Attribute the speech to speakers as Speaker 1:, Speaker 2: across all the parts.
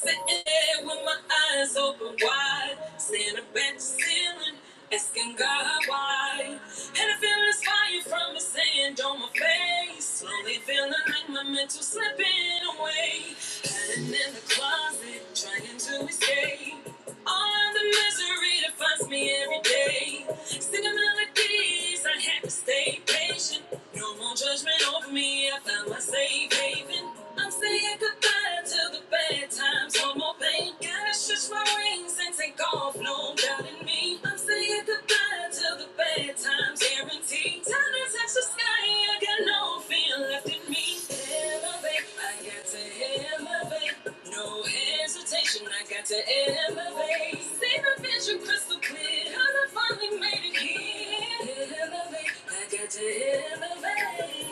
Speaker 1: Sitting there with my eyes open wide, staring up at the ceiling, asking God why. And I feel this fire from his sand on my face, slowly feeling like my mental slipping away. Hiding in the closet, trying to escape. All of the misery that finds me every day. Singing melodies, I have to stay patient. No no more judgment over me. I found my safe haven. I'm saying goodbye to the bad times. No more pain. Gotta stretch my wings and take off. No doubt in me. I'm saying goodbye to the bad times. Guaranteed. Time to touch the sky. I got no fear left in me. Elevate. I got to elevate. No hesitation. I got to elevate. Save a vision vision crystal clear. Cause I finally made it here. Elevate, I got to elevate.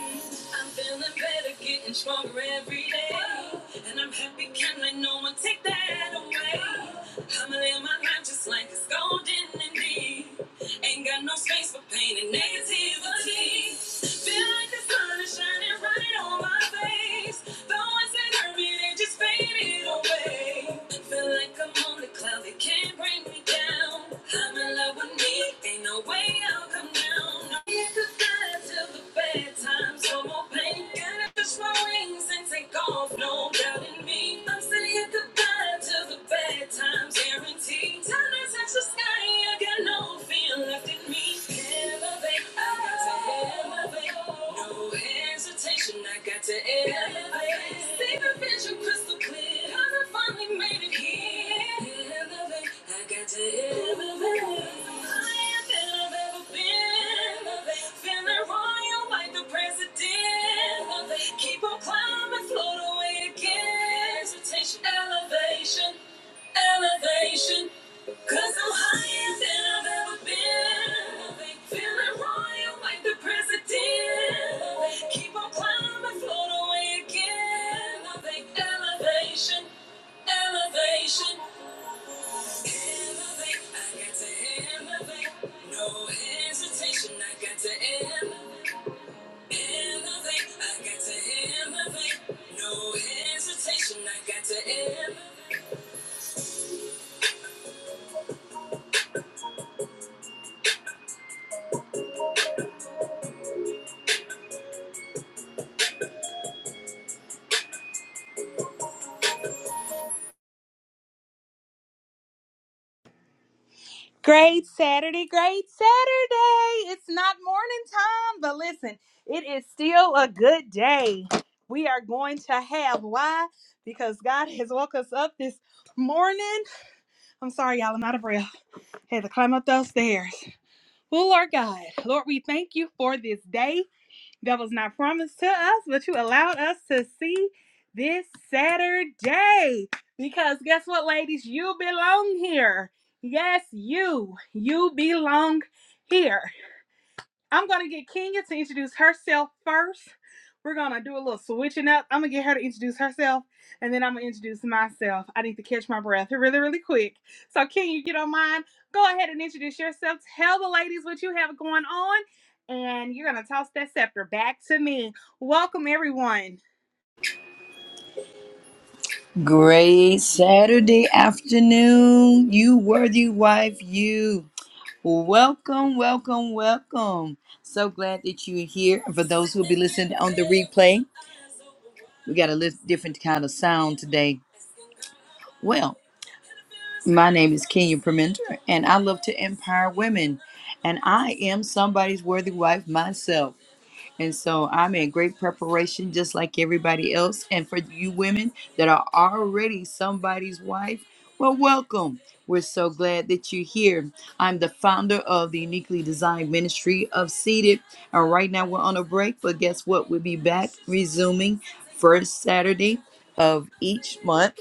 Speaker 1: I'm feeling better, getting stronger every day. And I'm happy, can not let no one take that away. I'ma live my life just like it's golden and indeed. Ain't got no space for pain and negativity. Feel like the sun is shining right on my face. Though times, Guaranteed. Time to touch the sky. I got no fear left in me. Yeah elevate. I got to elevate. No hesitation. I got to elevate. See the vision crystal clear. Cause I finally made it here. Elevate. I got to elevate. Higher than I've ever been. Elevate. Feeling royal like the president. Elevate. Keep on climbing, float away again. Hesitation, elevation elevation, Cause I'm higher than I've ever been. Feeling royal like the president. Keep on climbing, float away again. Elevation, elevation, elevate. I got to elevate. No hesitation, I got to elevate. Elevate, I got to elevate. No hesitation, I got to elevate.
Speaker 2: Great Saturday, great Saturday. It's not morning time, but listen, it is still a good day. We are going to have why? Because God has woke us up this morning. I'm sorry, y'all, I'm out of breath. Had to climb up those stairs. Well, Lord God, Lord, we thank you for this day that was not promised to us, but you allowed us to see this Saturday. Because guess what, ladies? You belong here. Yes, you. You belong here. I'm gonna get Kenya to introduce herself first. We're gonna do a little switching up. I'm gonna get her to introduce herself, and then I'm gonna introduce myself. I need to catch my breath really, really quick. So, Kenya, you don't mind? Go ahead and introduce yourself. Tell the ladies what you have going on, and you're gonna toss that scepter back to me. Welcome, everyone.
Speaker 1: Great Saturday afternoon, you worthy wife, you. Welcome, welcome, welcome. So glad that you're here. And for those who'll be listening on the replay, we got a lit- different kind of sound today. Well, my name is Kenya Permenter, and I love to empower women. And I am somebody's worthy wife myself. And so I'm in great preparation, just like everybody else. And for you women that are already somebody's wife, well, welcome. We're so glad that you're here. I'm the founder of the Uniquely Designed Ministry of Seated. And right now we're on a break, but guess what? We'll be back resuming first Saturday of each month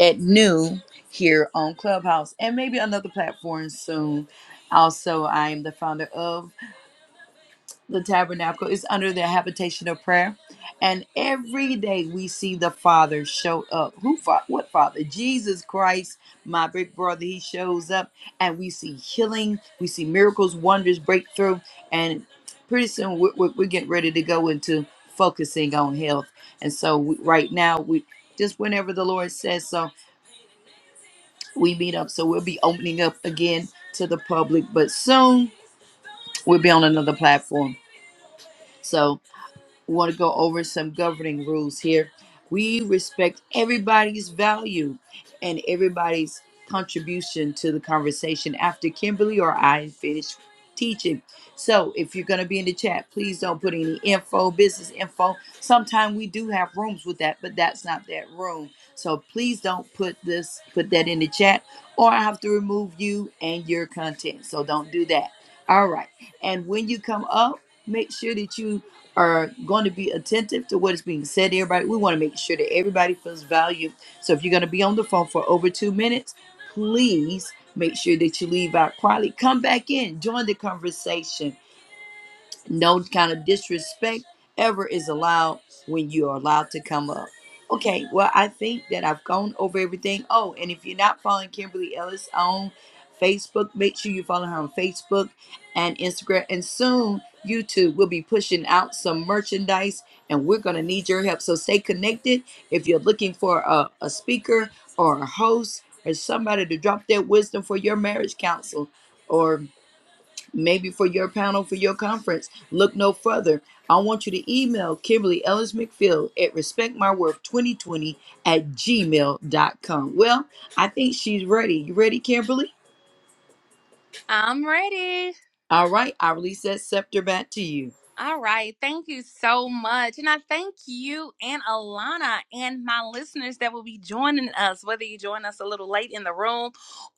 Speaker 1: at noon here on Clubhouse and maybe another platform soon. Also, I am the founder of the tabernacle is under the habitation of prayer and every day we see the father show up who fa- what father jesus christ my big brother he shows up and we see healing we see miracles wonders breakthrough and pretty soon we're, we're, we're getting ready to go into focusing on health and so we, right now we just whenever the lord says so we meet up so we'll be opening up again to the public but soon we'll be on another platform so We want to go over some governing rules here. We respect everybody's value and everybody's contribution to the conversation after Kimberly or I finish teaching. So if you're going to be in the chat, please don't put any info, business info. Sometimes we do have rooms with that, but that's not that room. So please don't put this, put that in the chat, or I have to remove you and your content. So don't do that. All right. And when you come up, make sure that you are going to be attentive to what is being said to everybody. We want to make sure that everybody feels valued. So if you're going to be on the phone for over two minutes, please make sure that you leave out quietly. Come back in, join the conversation no kind of disrespect ever is allowed when you are allowed to come up. Okay, well, I think that I've gone over everything. Oh, and if you're not following Kimberly Ellis on Facebook, make sure you follow her on Facebook and Instagram. And soon, YouTube will be pushing out some merchandise, and we're going to need your help. So stay connected. If you're looking for a, a speaker or a host or somebody to drop their wisdom for your marriage counsel, or maybe for your panel for your conference. Look no further. I want you to email Kimberly Ellis McPhill at respectmyworth2020 at gmail dot com. Well, I think she's ready. You ready, Kimberly?
Speaker 2: I'm ready.
Speaker 1: All right, I release that scepter back to you.
Speaker 2: All right. Thank you so much. And I thank you and Alana and my listeners that will be joining us, whether you join us a little late in the room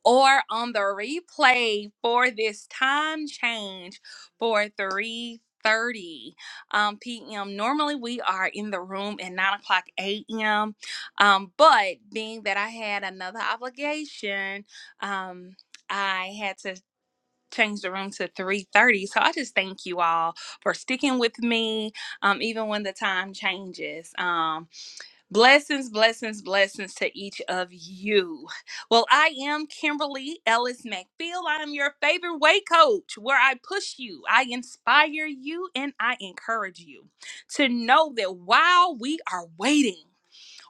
Speaker 2: or on the replay for this time change for 3:30 um, p.m. Normally, we are in the room at 9 o'clock a.m. Um, but being that I had another obligation, um, I had to change the room to 3.30 so i just thank you all for sticking with me um, even when the time changes um, blessings blessings blessings to each of you well i am kimberly ellis mcfield i am your favorite way coach where i push you i inspire you and i encourage you to know that while we are waiting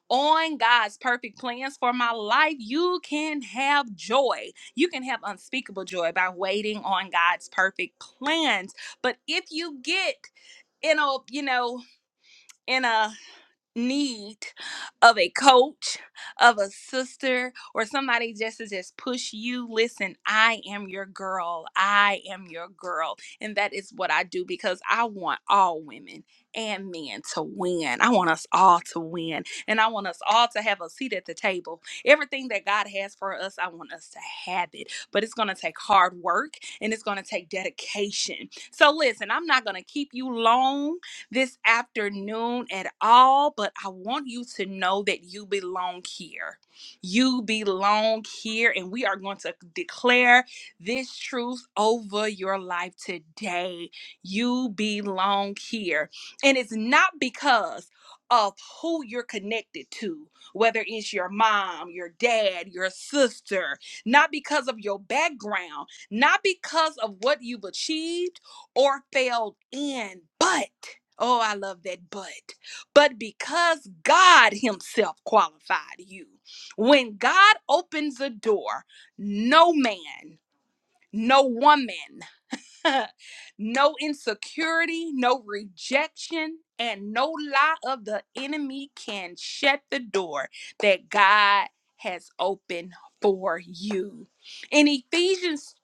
Speaker 2: on God's perfect plans for my life, you can have joy. You can have unspeakable joy by waiting on God's perfect plans. But if you get in a, you know, in a need of a coach, of a sister, or somebody just to just push you, listen, I am your girl. I am your girl. And that is what I do because I want all women and men to win. I want us all to win. And I want us all to have a seat at the table. Everything that God has for us, I want us to have it. But it's going to take hard work and it's going to take dedication. So listen, I'm not going to keep you long this afternoon at all, but I want you to know that you belong here. You belong here, and we are going to declare this truth over your life today. You belong here. And it's not because of who you're connected to, whether it's your mom, your dad, your sister, not because of your background, not because of what you've achieved or failed in. But, oh, I love that but. But because God Himself qualified you, when God opens a door, no man, no woman, no insecurity, no rejection, and no lie of the enemy can shut the door that God has opened for you. In Ephesians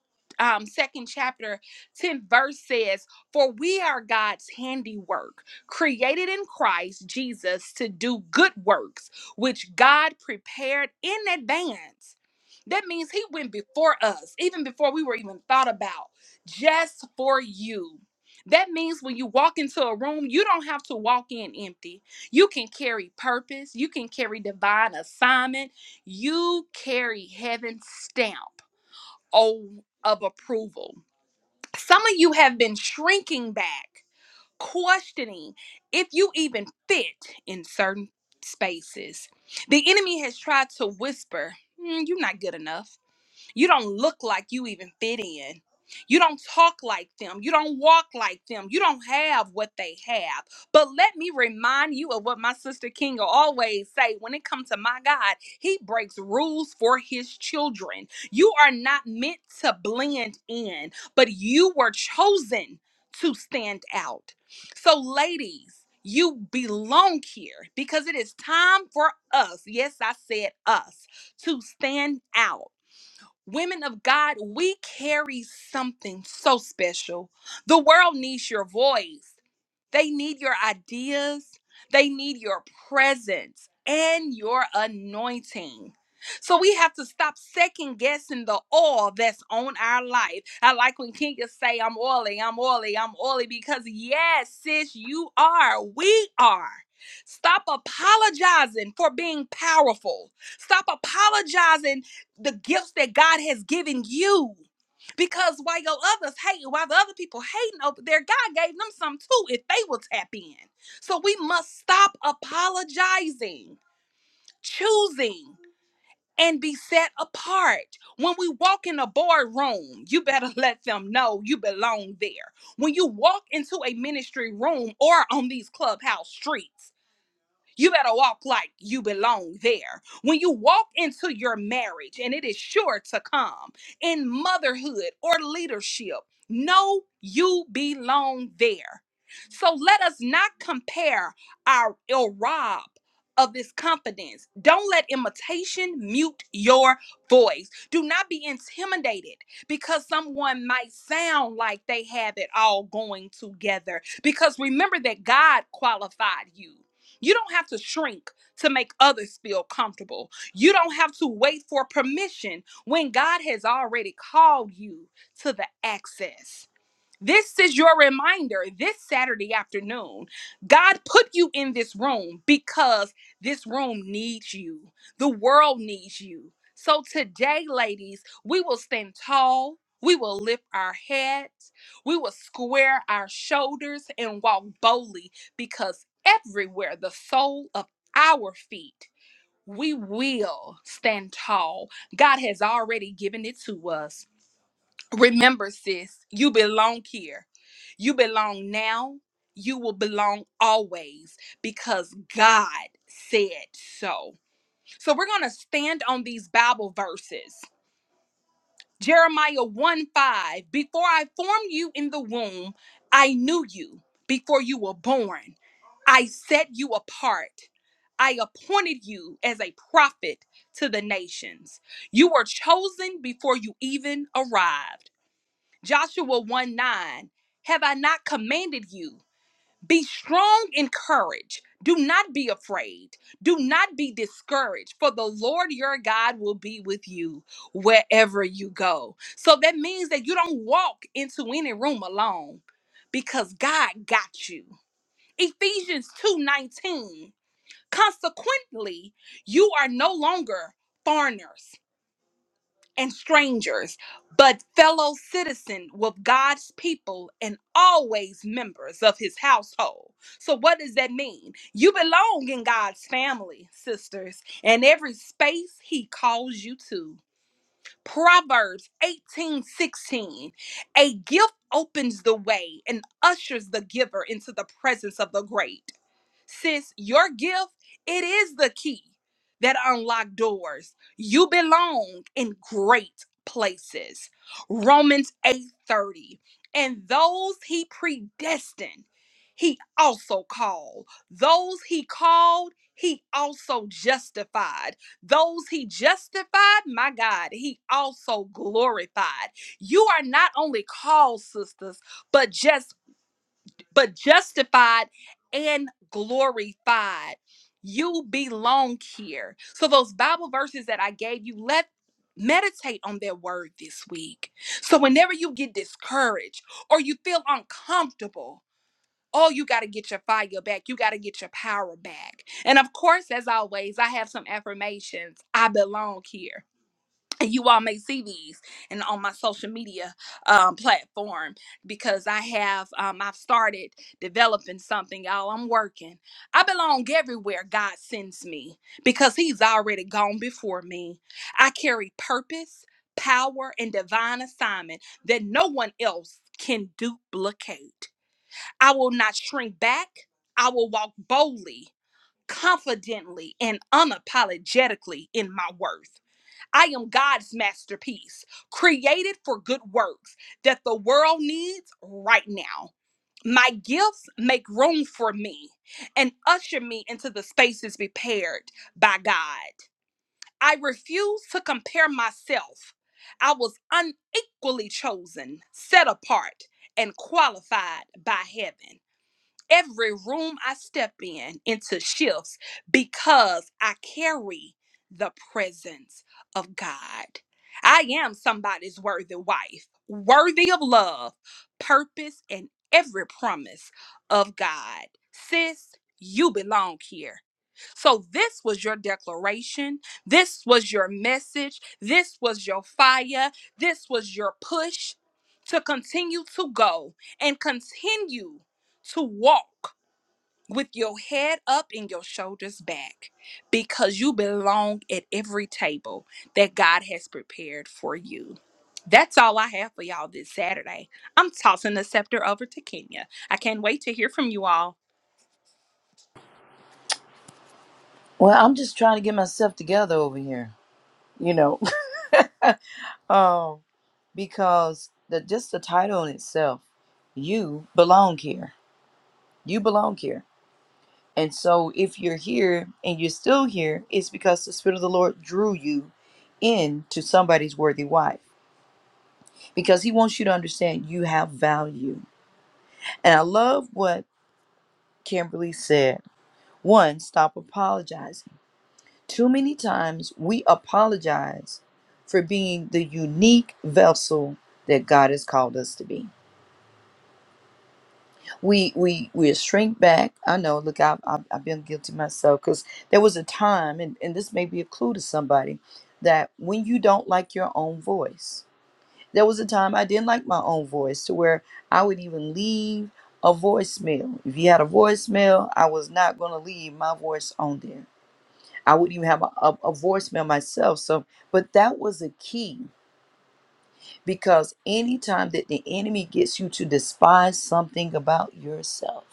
Speaker 2: um, second chapter 10 verse says, For we are God's handiwork, created in Christ Jesus to do good works, which God prepared in advance. That means he went before us, even before we were even thought about just for you. That means when you walk into a room, you don't have to walk in empty. You can carry purpose, you can carry divine assignment, you carry heaven's stamp oh, of approval. Some of you have been shrinking back, questioning if you even fit in certain spaces. The enemy has tried to whisper, "Mm, You're not good enough. You don't look like you even fit in. You don't talk like them. You don't walk like them. You don't have what they have. But let me remind you of what my sister Kinga always say when it comes to my God, he breaks rules for his children. You are not meant to blend in, but you were chosen to stand out. So ladies, you belong here because it is time for us. Yes, I said us to stand out Women of God, we carry something so special. The world needs your voice. They need your ideas, they need your presence and your anointing. So we have to stop second guessing the oil that's on our life. I like when Kinga say, I'm oily, I'm oily, I'm oily, because yes, sis, you are. We are. Stop apologizing for being powerful. Stop apologizing the gifts that God has given you. Because while your others hating, while the other people hating over there, God gave them some too if they will tap in. So we must stop apologizing, choosing, and be set apart. When we walk in a boardroom, you better let them know you belong there. When you walk into a ministry room or on these clubhouse streets, you better walk like you belong there. When you walk into your marriage, and it is sure to come in motherhood or leadership, know you belong there. So let us not compare our or rob of this confidence. Don't let imitation mute your voice. Do not be intimidated because someone might sound like they have it all going together. Because remember that God qualified you. You don't have to shrink to make others feel comfortable. You don't have to wait for permission when God has already called you to the access. This is your reminder this Saturday afternoon. God put you in this room because this room needs you. The world needs you. So today, ladies, we will stand tall. We will lift our heads. We will square our shoulders and walk boldly because everywhere the sole of our feet, we will stand tall. God has already given it to us. Remember, sis, you belong here. You belong now. You will belong always because God said so. So we're going to stand on these Bible verses. Jeremiah 1 5 Before I formed you in the womb, I knew you. Before you were born, I set you apart. I appointed you as a prophet to the nations. You were chosen before you even arrived. Joshua 1 9, have I not commanded you? Be strong in courage. Do not be afraid. Do not be discouraged, for the Lord your God will be with you wherever you go. So that means that you don't walk into any room alone because God got you. Ephesians 2 19. consequently, you are no longer foreigners and strangers, but fellow citizen with God's people and always members of his household. So, what does that mean? You belong in God's family, sisters, and every space he calls you to. Proverbs 18 16, A gift opens the way and ushers the giver into the presence of the great. Sis, your gift, it is the key that unlock doors. You belong in great places. Romans 8:30. And those he predestined, he also called. Those he called, he also justified. Those he justified, my God, he also glorified. You are not only called, sisters, but just but justified and glorified. You belong here. So, those Bible verses that I gave you, let meditate on that word this week. So, whenever you get discouraged or you feel uncomfortable, oh, you got to get your fire back. You got to get your power back. And of course, as always, I have some affirmations. I belong here and you all may see these and on my social media um, platform because I have um, I've started developing something y'all I'm working I belong everywhere God sends me because he's already gone before me I carry purpose power and divine assignment that no one else can duplicate I will not shrink back I will walk boldly confidently and unapologetically in my worth I am God's masterpiece, created for good works that the world needs right now. My gifts make room for me and usher me into the spaces prepared by God. I refuse to compare myself. I was unequally chosen, set apart, and qualified by heaven every room I step in into shifts because I carry the presence of God. I am somebody's worthy wife, worthy of love, purpose, and every promise of God. Sis, you belong here. So, this was your declaration. This was your message. This was your fire. This was your push to continue to go and continue to walk with your head up and your shoulders back because you belong at every table that God has prepared for you. That's all I have for y'all this Saturday. I'm tossing the scepter over to Kenya. I can't wait to hear from you all.
Speaker 1: Well, I'm just trying to get myself together over here, you know, um, because the just the title in itself, you belong here. You belong here. And so, if you're here and you're still here, it's because the Spirit of the Lord drew you into somebody's worthy wife because He wants you to understand you have value. And I love what Kimberly said. One, stop apologizing. Too many times we apologize for being the unique vessel that God has called us to be. we we we shrink back i know look i've, I've, I've been guilty myself because there was a time and, and this may be a clue to somebody that when you don't like your own voice there was a time i didn't like my own voice to where i would even leave a voicemail if you had a voicemail i was not going to leave my voice on there i wouldn't even have a, a, a voicemail myself so but that was a key because anytime that the enemy gets you to despise something about yourself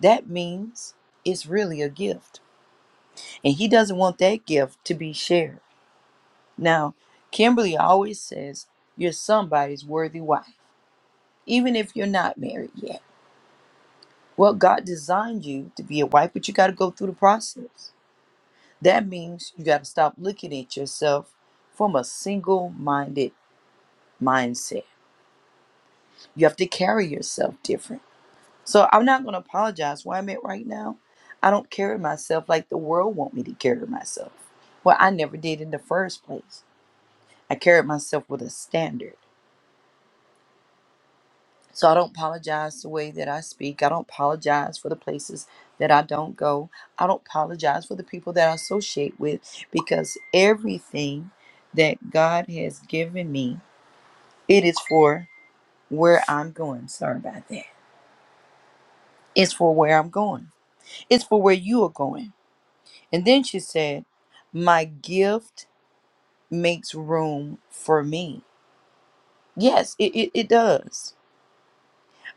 Speaker 1: that means it's really a gift. And he doesn't want that gift to be shared. Now, Kimberly always says, You're somebody's worthy wife, even if you're not married yet. Well, God designed you to be a wife, but you got to go through the process. That means you got to stop looking at yourself from a single minded mindset. You have to carry yourself different. So I'm not going to apologize where I'm at right now. I don't carry myself like the world want me to carry myself. Well, I never did in the first place. I carried myself with a standard. So I don't apologize the way that I speak. I don't apologize for the places that I don't go. I don't apologize for the people that I associate with because everything that God has given me, it is for where I'm going. Sorry about that. It's for where I'm going. It's for where you are going And then she said, My gift makes room for me. Yes, it, it, it does.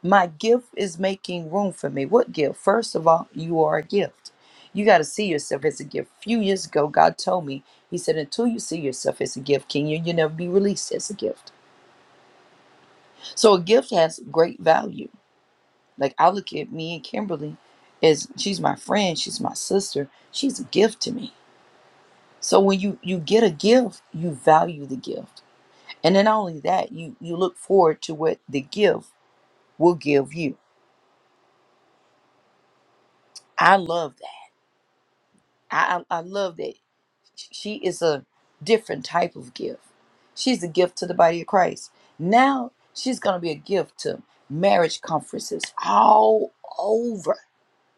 Speaker 1: My gift is making room for me. What gift? First of all, you are a gift. You got to see yourself as a gift. A few years ago, God told me, He said, until you see yourself as a gift, Kenya, you'll never be released as a gift. So a gift has great value. Like I look at me and Kimberly as she's my friend, she's my sister, she's a gift to me. So when you you get a gift, you value the gift. And then not only that, you you look forward to what the gift will give you. I love that. I I I love that. She is a different type of gift. She's a gift to the body of Christ. Now she's gonna be a gift to marriage conferences all over.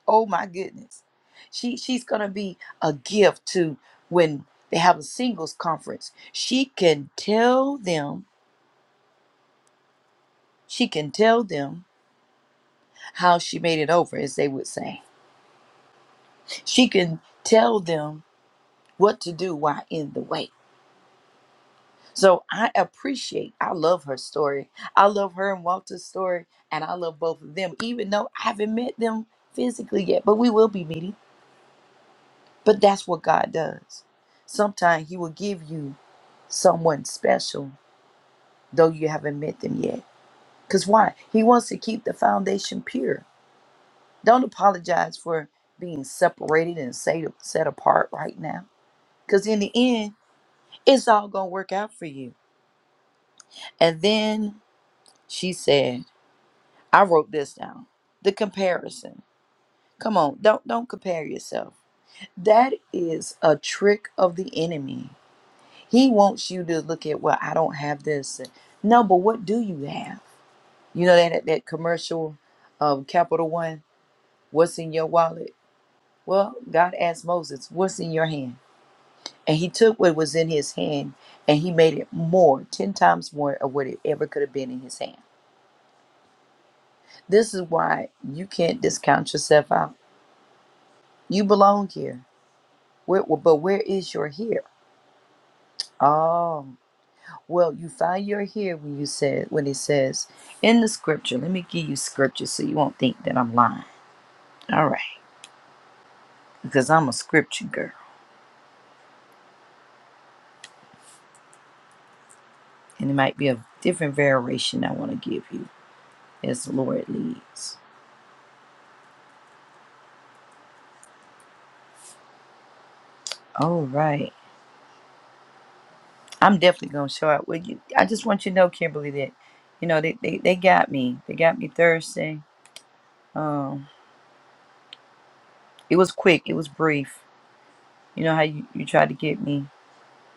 Speaker 1: Oh my goodness. She she's gonna be a gift to when they have a singles conference. She can tell them, she can tell them how she made it over, as they would say She can tell them what to do while in the way. So I appreciate, I love her story. I love her and Walter's story, and I love both of them, even though I haven't met them physically yet, but we will be meeting. But that's what God does. Sometimes He will give you someone special, though you haven't met them yet. Because why? He wants to keep the foundation pure. Don't apologize for being separated and set set apart right now. Because in the end, it's all going to work out for you And then she said, I wrote this down. The comparison. Come on, don't don't compare yourself. That is a trick of the enemy. He wants you to look at, well, I don't have this. No, but what do you have? You know that that commercial of Capital One, what's in your wallet? Well, God asked Moses, what's in your hand? And he took what was in his hand and he made it more, 10 times more of what it ever could have been in his hand. This is why you can't discount yourself out. You belong here. Where, but where is your here? Oh, well, you find your here when you said when it says in the scripture. Let me give you scripture so you won't think that I'm lying. All right, because I'm a scripture girl, and it might be a different variation I want to give you as the Lord leads. All right, I'm definitely gonna show up. Well, you, I just want you to know, Kimberly, that you know they, they, they got me. They got me Thursday. Um, It was quick, it was brief. You know how you, you tried to get me,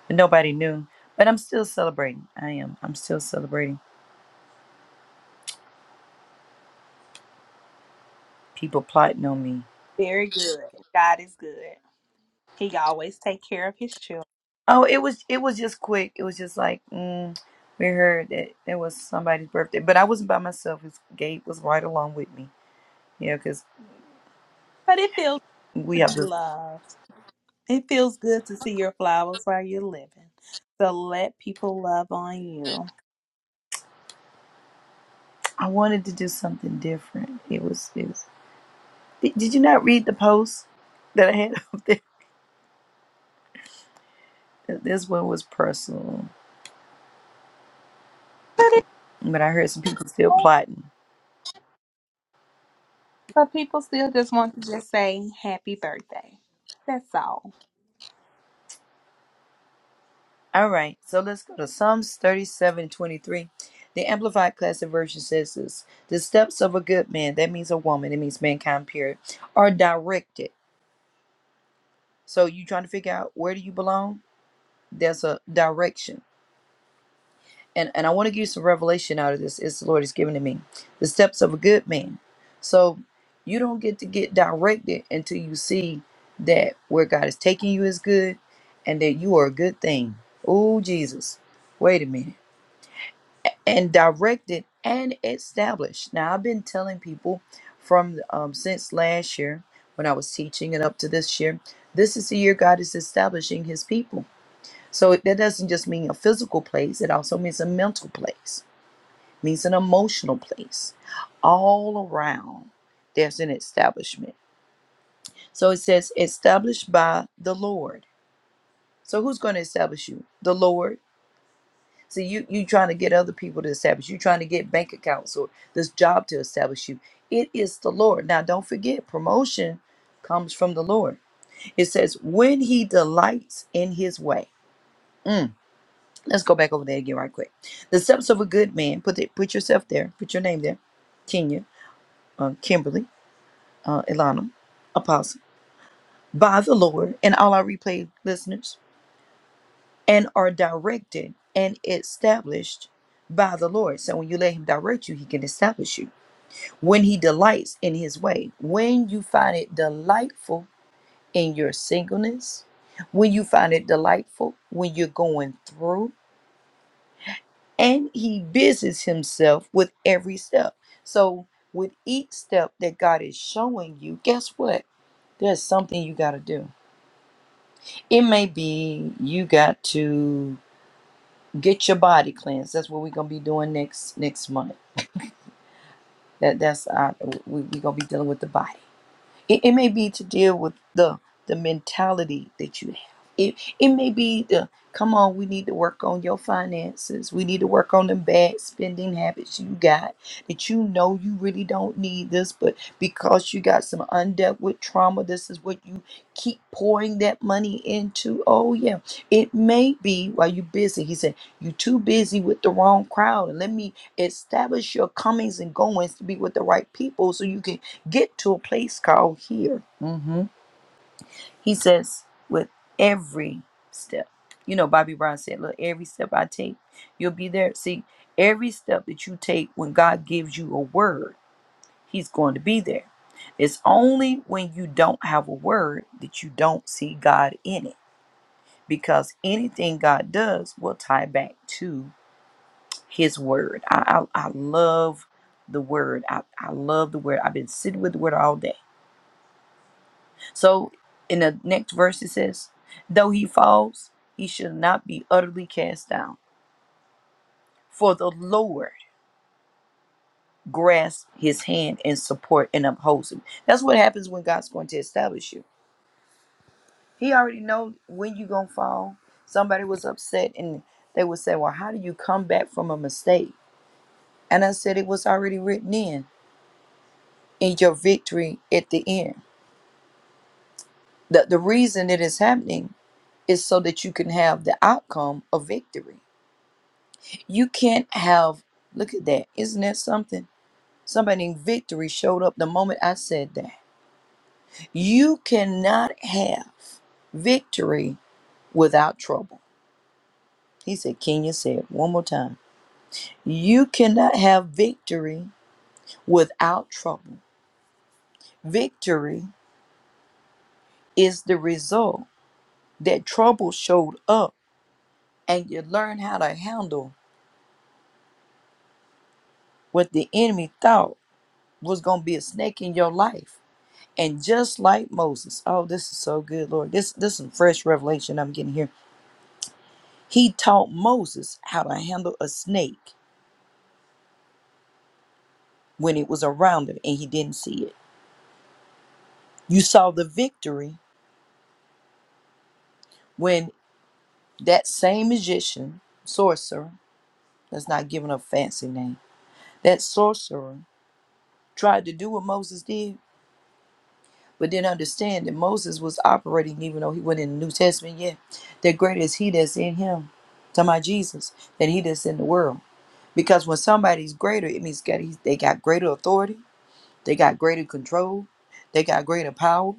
Speaker 1: but nobody knew. But I'm still celebrating. I am. I'm still celebrating. People plotting on me.
Speaker 2: Very good. God is good. He always take care of his children.
Speaker 1: Oh, it was it was just quick. It was just like mm, we heard that it was somebody's birthday, but I wasn't by myself. His Gabe was right along with me. Yeah, because
Speaker 2: But it feels good
Speaker 1: we
Speaker 2: to
Speaker 1: have
Speaker 2: be
Speaker 1: this.
Speaker 2: loved. It feels good to see your flowers while you're living. So let people love on you.
Speaker 1: I wanted to do something different. It was. It was did, did you not read the post that I had up there? This one was personal, but I heard some people still plotting.
Speaker 2: But people still just want to just say happy birthday. That's all.
Speaker 1: All right, so let's go to Psalms 37 and 23. The Amplified Classic Version says this The steps of a good man, that means a woman, it means mankind, period, are directed. So you trying to figure out where do you belong? There's a direction. And, and I want to give you some revelation out of this. It's the Lord has given to me. The steps of a good man. So you don't get to get directed until you see that where God is taking you is good and that you are a good thing. Oh, Jesus. Wait a minute and directed and established. Now, I've been telling people from um, since last year when I was teaching and up to this year, this is the year God is establishing his people. So that doesn't just mean a physical place, it also means a mental place, means an emotional place. All around, there's an establishment. So it says, established by the Lord. So who's going to establish you? The Lord. So you you trying to get other people to establish. You trying to get bank accounts or this job to establish you. It is the Lord. Now don't forget, promotion comes from the Lord. It says, when he delights in his way. Mm, let's go back over there again right quick. The steps of a good man. Put it put yourself there. Put your name there. Kenya, uh, Kimberly, uh, Ilana, Apostle. By the Lord and all our replay listeners. and are directed and established by the Lord. So when you let Him direct you, He can establish you. When He delights in His way, when you find it delightful in your singleness, when you find it delightful when you're going through, and He busies Himself with every step. So with each step that God is showing you, guess what? There's something you got to do. It may be you got to get your body cleansed. That's what we're gonna be doing next next month. That that's our, we we gonna be dealing with the body. It, it may be to deal with the the mentality that you have. It it may be the come on, we need to work on your finances. We need to work on the bad spending habits you got that you know you really don't need this, but because you got some undealt with trauma, this is what you keep pouring that money into. Oh yeah. It may be while you're busy. He said, You're too busy with the wrong crowd. And let me establish your comings and goings to be with the right people so you can get to a place called here. hmm He says, with every step, you know, Bobby Brown said, look, every step I take, you'll be there. See, every step that you take when God gives you a word, He's going to be there. It's only when you don't have a word that you don't see God in it. Because anything God does will tie back to His Word. I, I, I love the Word. I, I love the Word. I've been sitting with the Word all day So in the next verse it says, Though he falls, he shall not be utterly cast down, for the Lord grasps his hand and support and upholds him. That's what happens when God's going to establish you. He already knows when you're gonna fall. Somebody was upset and they would say, Well, how do you come back from a mistake? And I said it was already written in in your victory at the end. The the reason it is happening is so that you can have the outcome of victory You can't have, look at that. Isn't that something? Somebody in victory showed up the moment I said that. You cannot have victory without trouble. He said, Kenya said one more time. You cannot have victory without trouble. Victory is the result that trouble showed up and you learn how to handle what the enemy thought was going to be a snake in your life And just like Moses, oh, this is so good, Lord. This this is some fresh revelation I'm getting here. He taught Moses how to handle a snake when it was around him and he didn't see it. You saw the victory when that same magician, sorcerer, thats not give a fancy name, that sorcerer tried to do what Moses did, but didn't understand that Moses was operating, even though he wasn't in the New Testament yet, that greater is he that's in him. Talking about Jesus, than he that's in the world. Because when somebody's greater, it means that he's- they got greater authority, they got greater control, they got greater power,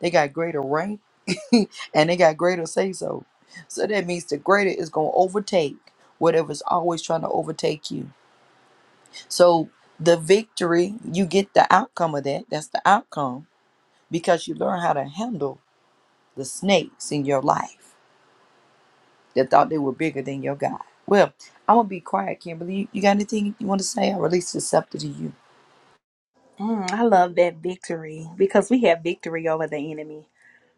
Speaker 1: they got greater rank, and they got greater say so. So that means the greater is going to overtake whatever's always trying to overtake you. So the victory, you get the outcome of that. That's the outcome because you learn how to handle the snakes in your life that thought they were bigger than your God. Well, I'm going to be quiet, Kimberly. You, you got anything you want to say? I release this up to you.
Speaker 2: Mm, I love that victory because we have victory over the enemy.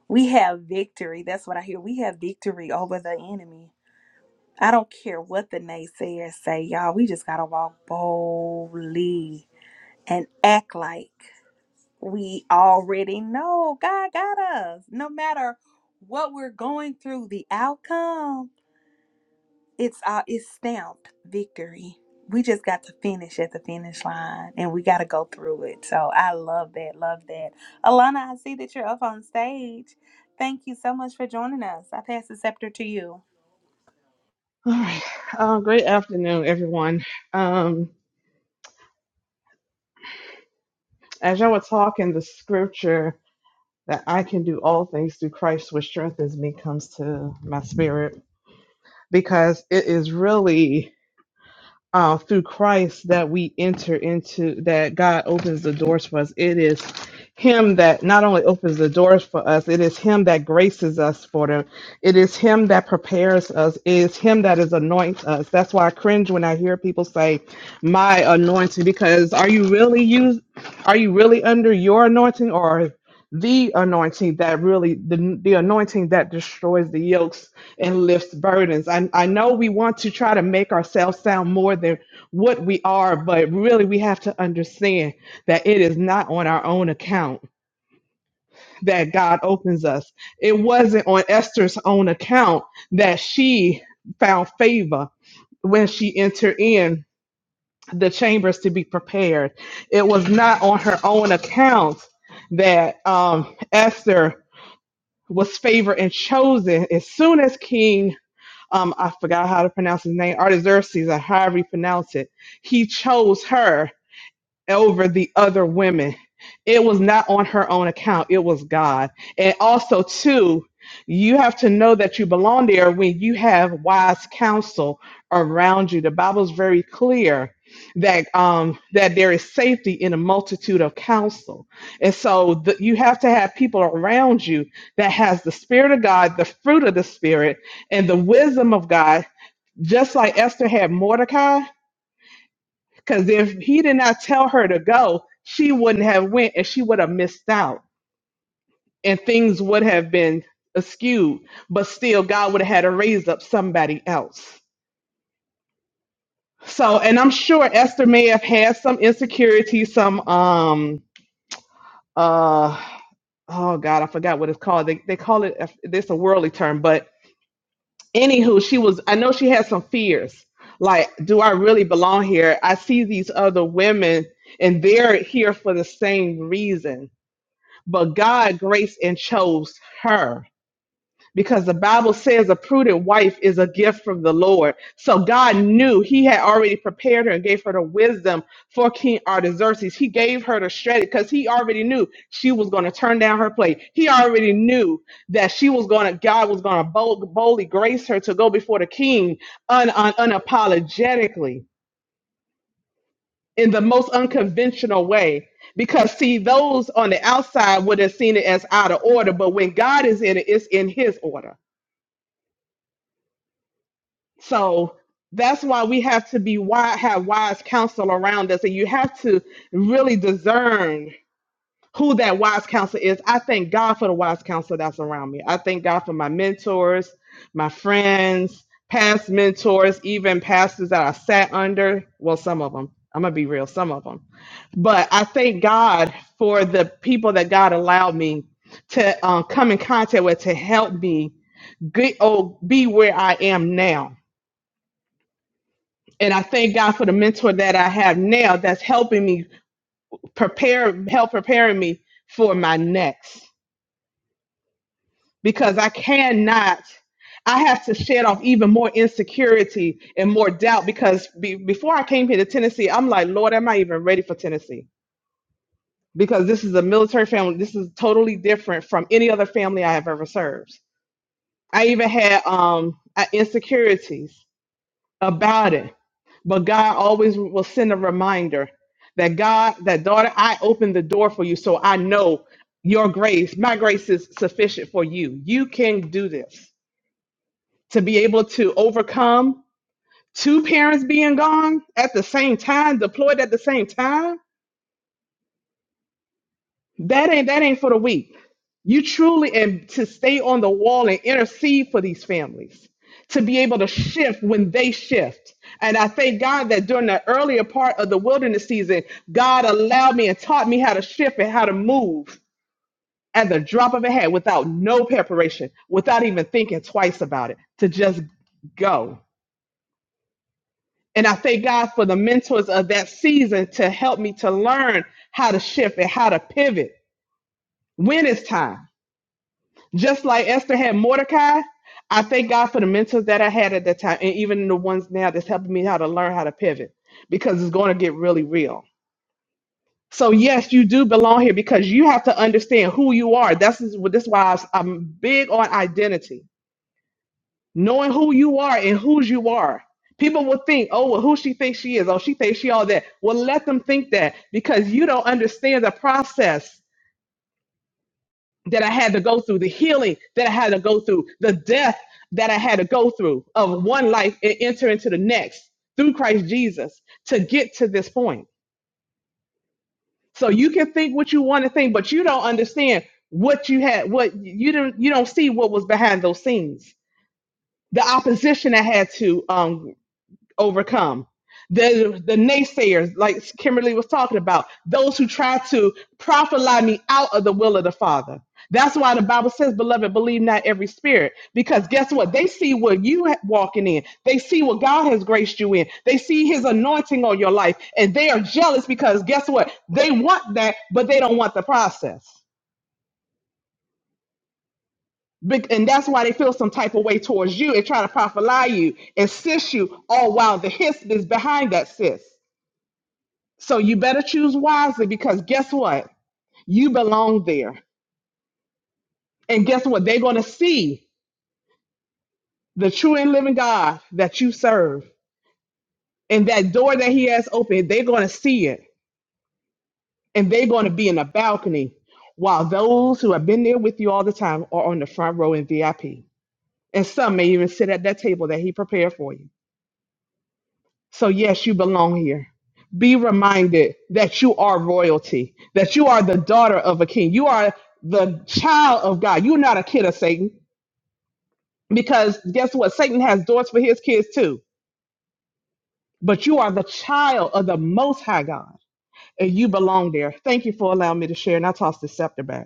Speaker 2: We have victory. That's what I hear. We have victory over the enemy. I don't care what the naysayers say, y'all. We just gotta walk boldly and act like we already know God got us. No matter what we're going through, the outcome, it's uh, it's stamped victory. We just got to finish at the finish line and we got to go through it. So I love that. Love that. Alana, I see that you're up on stage. Thank you so much for joining us. I pass the scepter to you.
Speaker 3: All right. Uh, great afternoon, everyone. Um, as all were talking, the scripture that I can do all things through Christ, which strengthens me, comes to my spirit because it is really uh, through Christ that we enter into, that God opens the doors for us. It is Him that not only opens the doors for us, it is Him that graces us for them. It is Him that prepares us. It is Him that is anoints us. That's why I cringe when I hear people say, "My anointing," because are you really used? Are you really under your anointing or the anointing that really the, the anointing that destroys the yokes? and lifts burdens. I, I know we want to try to make ourselves sound more than what we are, but really we have to understand that it is not on our own account that God opens us. It wasn't on Esther's own account that she found favor when she entered in the chambers to be prepared. It was not on her own account that um, Esther was favored and chosen as soon as King um, I forgot how to pronounce his name, Artaxerxes, or however you pronounce it. He chose her over the other women. It was not on her own account, it was God. And also, too, you have to know that you belong there when you have wise counsel around you. The Bible's very clear that um that there is safety in a multitude of counsel. And so the, you have to have people around you that has the spirit of God, the fruit of the spirit, and the wisdom of God, just like Esther had Mordecai because if he did not tell her to go, she wouldn't have went and she would have missed out. And things would have been askew. But still, God would have had to raise up somebody else. So, and I'm sure Esther may have had some insecurity, some um uh oh God, I forgot what it's called. They they call it this a worldly term, but anywho, she was I know she had some fears. Like, do I really belong here? I see these other women and they're here for the same reason but God graced and chose her because the Bible says a prudent wife is a gift from the Lord. So God knew He had already prepared her and gave her the wisdom for King Artaxerxes. He gave her the strategy because He already knew she was going to turn down her plate. He already knew that she was going to, God was going to bold, boldly grace her to go before the king un, un, unapologetically in the most unconventional way. Because, see, those on the outside would have seen it as out of order, but when God is in it, it's in His order. So that's why we have to be wise, have wise counsel around us, and you have to really discern who that wise counselor is. I thank God for the wise counselor that's around me. I thank God for my mentors, my friends, past mentors, even pastors that I sat under. Well, some of them. I'm going to be real, some of them. But I thank God for the people that God allowed me to uh, come in contact with to help me get, oh, be where I am now. And I thank God for the mentor that I have now that's helping me prepare, help preparing me for my next. because I cannot. I have to shed off even more insecurity and more doubt because be, before I came here to Tennessee, I'm like, Lord, am I even ready for Tennessee? Because this is a military family. This is totally different from any other family I have ever served. I even had um, uh, insecurities about it, but God always will send a reminder that God, that daughter, I opened the door for you, so I know your grace, my grace is sufficient for you. You can do this to be able to overcome two parents being gone at the same time, deployed at the same time, that ain't that ain't for the weak. You truly and to stay on the wall and intercede for these families, to be able to shift when they shift. And I thank God that during the earlier part of the wilderness season, God allowed me and taught me how to shift and how to move at the drop of a hat without no preparation, without even thinking twice about it, to just go. And I thank God for the mentors of that season to help me to learn how to shift and how to pivot when it's time. Just like Esther had Mordecai, I thank God for the mentors that I had at that time and even the ones now that's helping me how to learn how to pivot because it's going to get really real. So yes, you do belong here because you have to understand who you are. That's is- this is why I'm I'm big on identity knowing who you are and whose you are. People will think, oh, well, who she thinks she is. Oh, she thinks she all that. Well, let them think that because you don't understand the process that I had to go through, the healing that I had to go through, the death that I had to go through of one life and enter into the next through Christ Jesus to get to this point. So you can think what you want to think, but you don't understand what you had, what you don't you don't see what was behind those scenes the opposition I had to um, overcome. The, the naysayers, like Kimberly was talking about, those who try to prophesy me out of the will of the Father. That's why the Bible says, Beloved, believe not every spirit. Because guess what? They see what you ha- walking in. They see what God has graced you in. They see his anointing on your life. And they are jealous because guess what? They want that, but they don't want the process. Bec- And that's why they feel some type of way towards you and try to prophesy you and sis you all while the hiss is behind that sis. So you better choose wisely because guess what? You belong there. And guess what? They're going to see the true and living God that you serve. And that door that he has opened, they're going to see it. And they're going to be in the balcony while those who have been there with you all the time are on the front row in VIP. And some may even sit at that table that he prepared for you. So, yes, you belong here. Be reminded that you are royalty, that you are the daughter of a king. You are the child of God. You're not a kid of Satan because guess what? Satan has doors for his kids too. But you are the child of the Most High God and you belong there. Thank you for allowing me to share. And I toss the scepter back.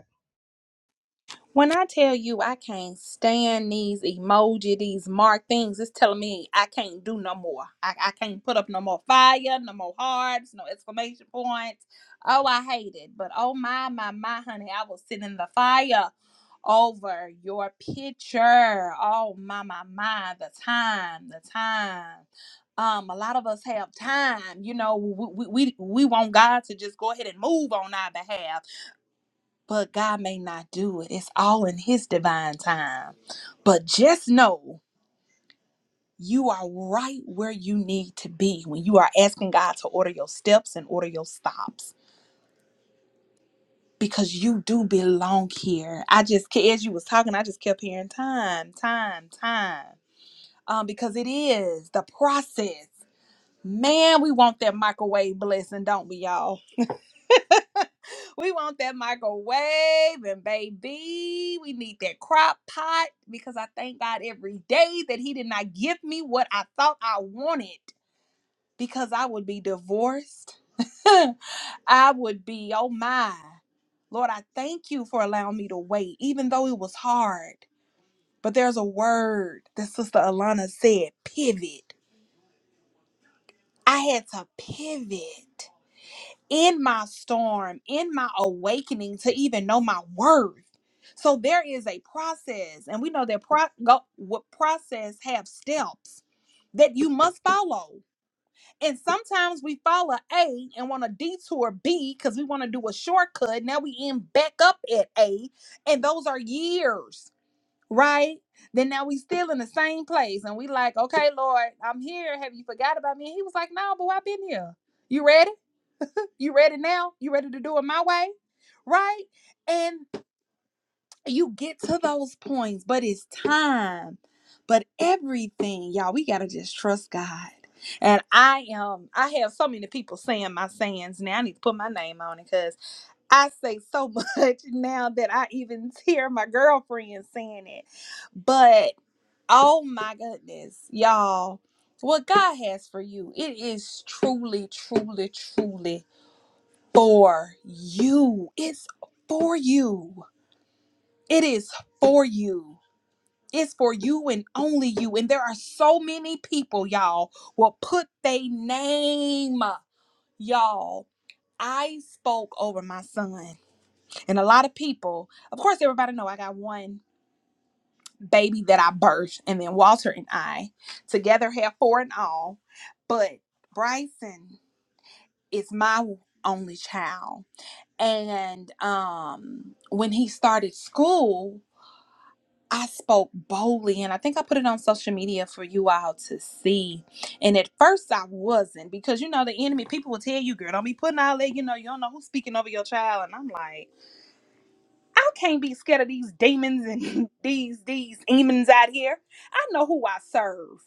Speaker 2: When I tell you I can't stand these emoji, these mark things, it's telling me I can't do no more. I, I can't put up no more fire, no more hearts, no exclamation points. Oh, I hate it. But oh my, my, my, honey, I was sitting in the fire over your picture. Oh my, my, my, the time, the time. Um, a lot of us have time, you know. We we we we want God to just go ahead and move on our behalf but God may not do it. It's all in His divine time. But just know you are right where you need to be when you are asking God to order your steps and order your stops because you do belong here. I just, ke- as you was talking, I just kept hearing time, time, time. Um, because it is the process. Man, we want that microwave blessing, don't we, y'all? We want that microwave and baby, we need that crock pot because I thank God every day that He did not give me what I thought I wanted because I would be divorced. I would be, oh my. Lord, I thank you for allowing me to wait, even though it was hard. But there's a word that Sister Alana said pivot. I had to pivot. in my storm, in my awakening to even know my worth. So there is a process, and we know that pro- go, what process have steps that you must follow. And sometimes we follow A and want to detour B because we want to do a shortcut. Now we end back up at A, and those are years, right? Then now we still in the same place, and we like, okay, Lord, I'm here. Have you forgot about me? He was like, No, but I've been here. You ready? You ready now? You ready to do it my way? Right? And you get to those points, but it's time. But everything, y'all, we got to just trust God. And I am, um, I have so many people saying my sayings now. I need to put my name on it because I say so much now that I even hear my girlfriend saying it. But oh my goodness, y'all, what God has for you, it is truly, truly, truly for you. It's for you. It is for you. It's for you and only you. And there are so many people, y'all, will put their name, y'all. I spoke over my son, and a lot of people, of course, everybody know I got one baby that I birthed, and then Walter and I together have four and all. But Bryson is my only child And um, when he started school, I spoke boldly, and I think I put it on social media for you all to see. And at first, I wasn't because you know the enemy people will tell you, "Girl, don't be putting all that." You know, you don't know who's speaking over your child, and I'm like, I can't be scared of these demons and these these demons out here. I know who I serve.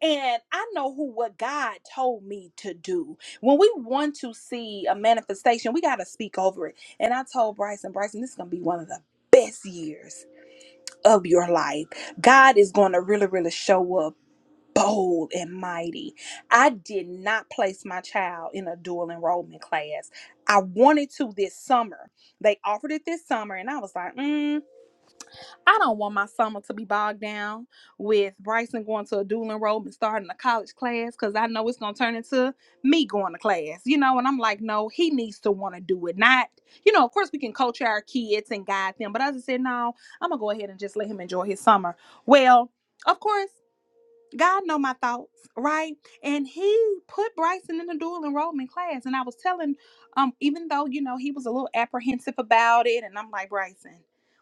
Speaker 2: And I know who what God told me to do. When we want to see a manifestation, we got to speak over it. And I told Bryson, Bryson, this is going to be one of the best years of your life. God is going to really, really show up bold and mighty. I did not place my child in a dual enrollment class. I wanted to this summer. They offered it this summer, and I was like, mm. I don't want my summer to be bogged down with Bryson going to a dual enrollment and starting a college class because I know it's going to turn into me going to class, you know? And I'm like, no, he needs to want to do it. Not, you know, of course we can coach our kids and guide them, but I just said, no, I'm going to go ahead and just let him enjoy his summer. Well, of course. God know my thoughts, right? And he put Bryson in the dual enrollment class. And I was telling, um, even though, you know, he was a little apprehensive about it, and I'm like, Bryson,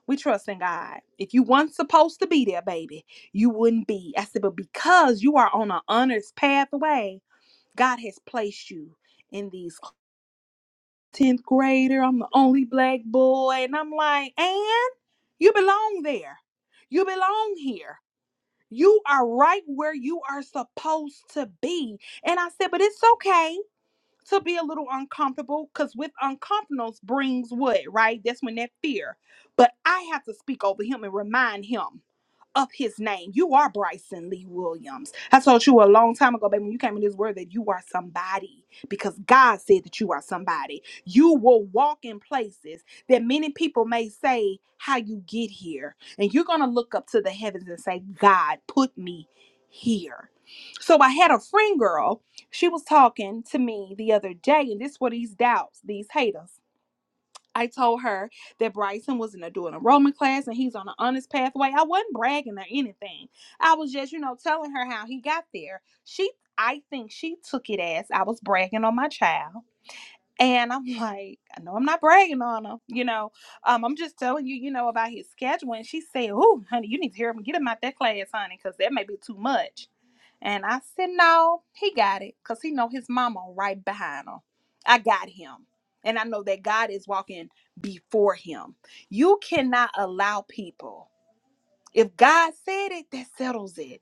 Speaker 2: we trust in God. If you weren't supposed to be there, baby, you wouldn't be. I said, but because you are on an honors pathway, God has placed you in these 10th grader. I'm the only black boy. And I'm like, and you belong there. You belong here you are right where you are supposed to be. And I said, but it's okay to be a little uncomfortable because with uncomfortableness brings what, right? That's when that fear. But I have to speak over him and remind him up his name. You are Bryson Lee Williams. I told you a long time ago, baby, when you came in this word that you are somebody because God said that you are somebody. You will walk in places that many people may say how you get here. And you're going to look up to the heavens and say, God, put me here. So I had a friend girl, she was talking to me the other day, and this were these doubts, these haters. I told her that Bryson was in a dual enrollment class and he's on an honest pathway. I wasn't bragging or anything. I was just, you know, telling her how he got there. She, I think she took it as I was bragging on my child. And I'm like, I know I'm not bragging on him, you know. Um, I'm just telling you, you know, about his schedule. And she said, Oh, honey, you need to hear him get him out that class, honey, because that may be too much. And I said, no, he got it because he know his mama right behind him. I got him. And I know that God is walking before him. You cannot allow people. If God said it, that settles it.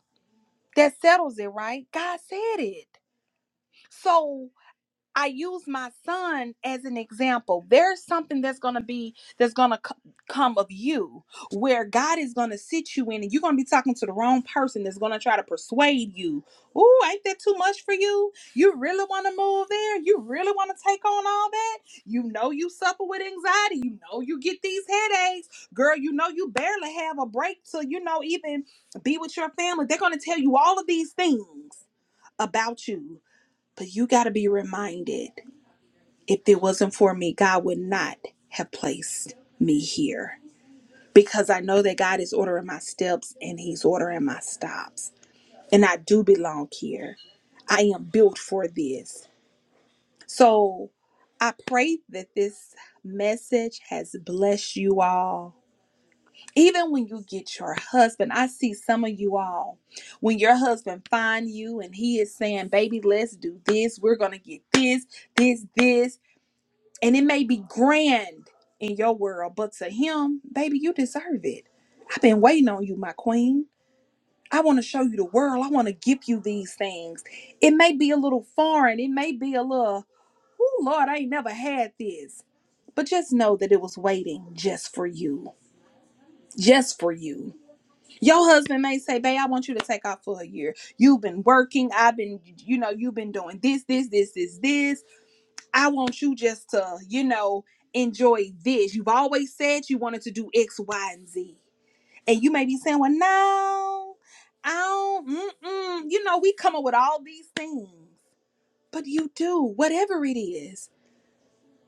Speaker 2: That settles it, right? God said it. So I use my son as an example. There's something that's going to be that's going to c- come of you where God is going to sit you in and you're going to be talking to the wrong person that's going to try to persuade you. Ooh, ain't that too much for you? You really want to move there? You really want to take on all that? You know you suffer with anxiety. You know you get these headaches. Girl, you know you barely have a break to, you know, even be with your family. They're going to tell you all of these things about you, but you got to be reminded if it wasn't for me, God would not have placed me here because I know that God is ordering my steps and He's ordering my stops. And I do belong here. I am built for this. So I pray that this message has blessed you all. Even when you get your husband, I see some of you all, when your husband find you and he is saying, baby, let's do this. We're going to get this, this, this. and it may be grand in your world, but to him, baby, you deserve it. I've been waiting on you, my queen. I want to show you the world. I want to give you these things. It may be a little foreign. It may be a little, oh, Lord, I ain't never had this. But just know that it was waiting just for you. Just for you. Your husband may say, Babe, I want you to take off for a year. You've been working. I've been, you know, you've been doing this, this, this, this, this. I want you just to, you know, enjoy this. You've always said you wanted to do X, Y, and Z. And you may be saying, well, no, I don't, mm-mm. You know, we come up with all these things, but you do, whatever it is,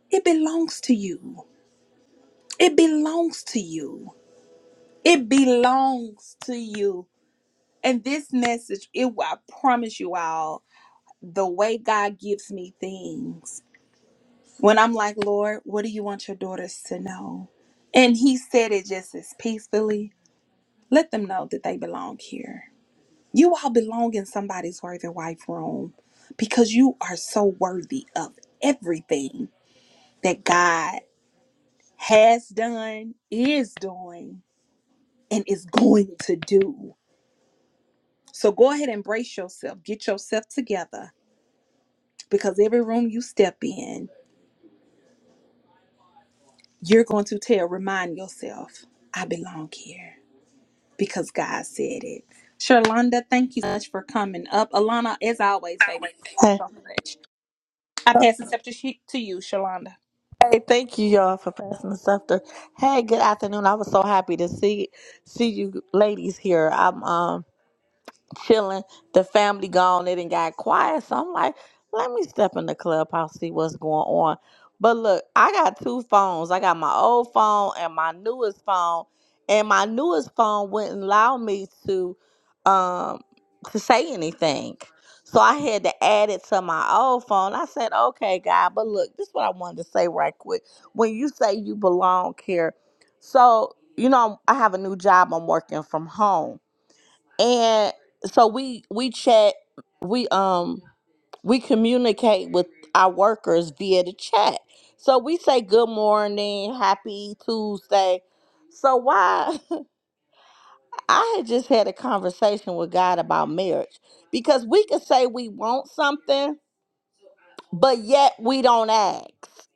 Speaker 2: it belongs to you. It belongs to you. It belongs to you. And this message, it, I promise you all, the way God gives me things when I'm like, Lord, what do you want your daughters to know? And he said it just as peacefully. Let them know that they belong here. You all belong in somebody's worthy wife room because you are so worthy of everything that God has done, is doing, and is going to do. So go ahead and brace yourself, get yourself together because every room you step in, you're going to tell, remind yourself, I belong here. because God said it. Sherlonda, thank you so much for coming up. Alana, as always, baby, thank you
Speaker 4: Hey,
Speaker 2: so much. I pass the scepter she- to you, Sherlonda.
Speaker 4: hey, thank you y'all for passing the stuff to. Hey, good afternoon. I was so happy to see see you ladies here. I'm um chilling. The family gone. It and got quiet. So I'm like, let me step in the clubhouse, see what's going on. But look, I got two phones. I got my old phone and my newest phone. And my newest phone wouldn't allow me to um to say anything. So I had to add it to my old phone. I said, okay, God, but look, this is what I wanted to say right quick. When you say you belong here, so you know I have a new job. I'm working from home and so we we chat we um we communicate with our workers via the chat so we say good morning happy tuesday so why i had just had a conversation with god about marriage because we could say we want something but yet we don't ask.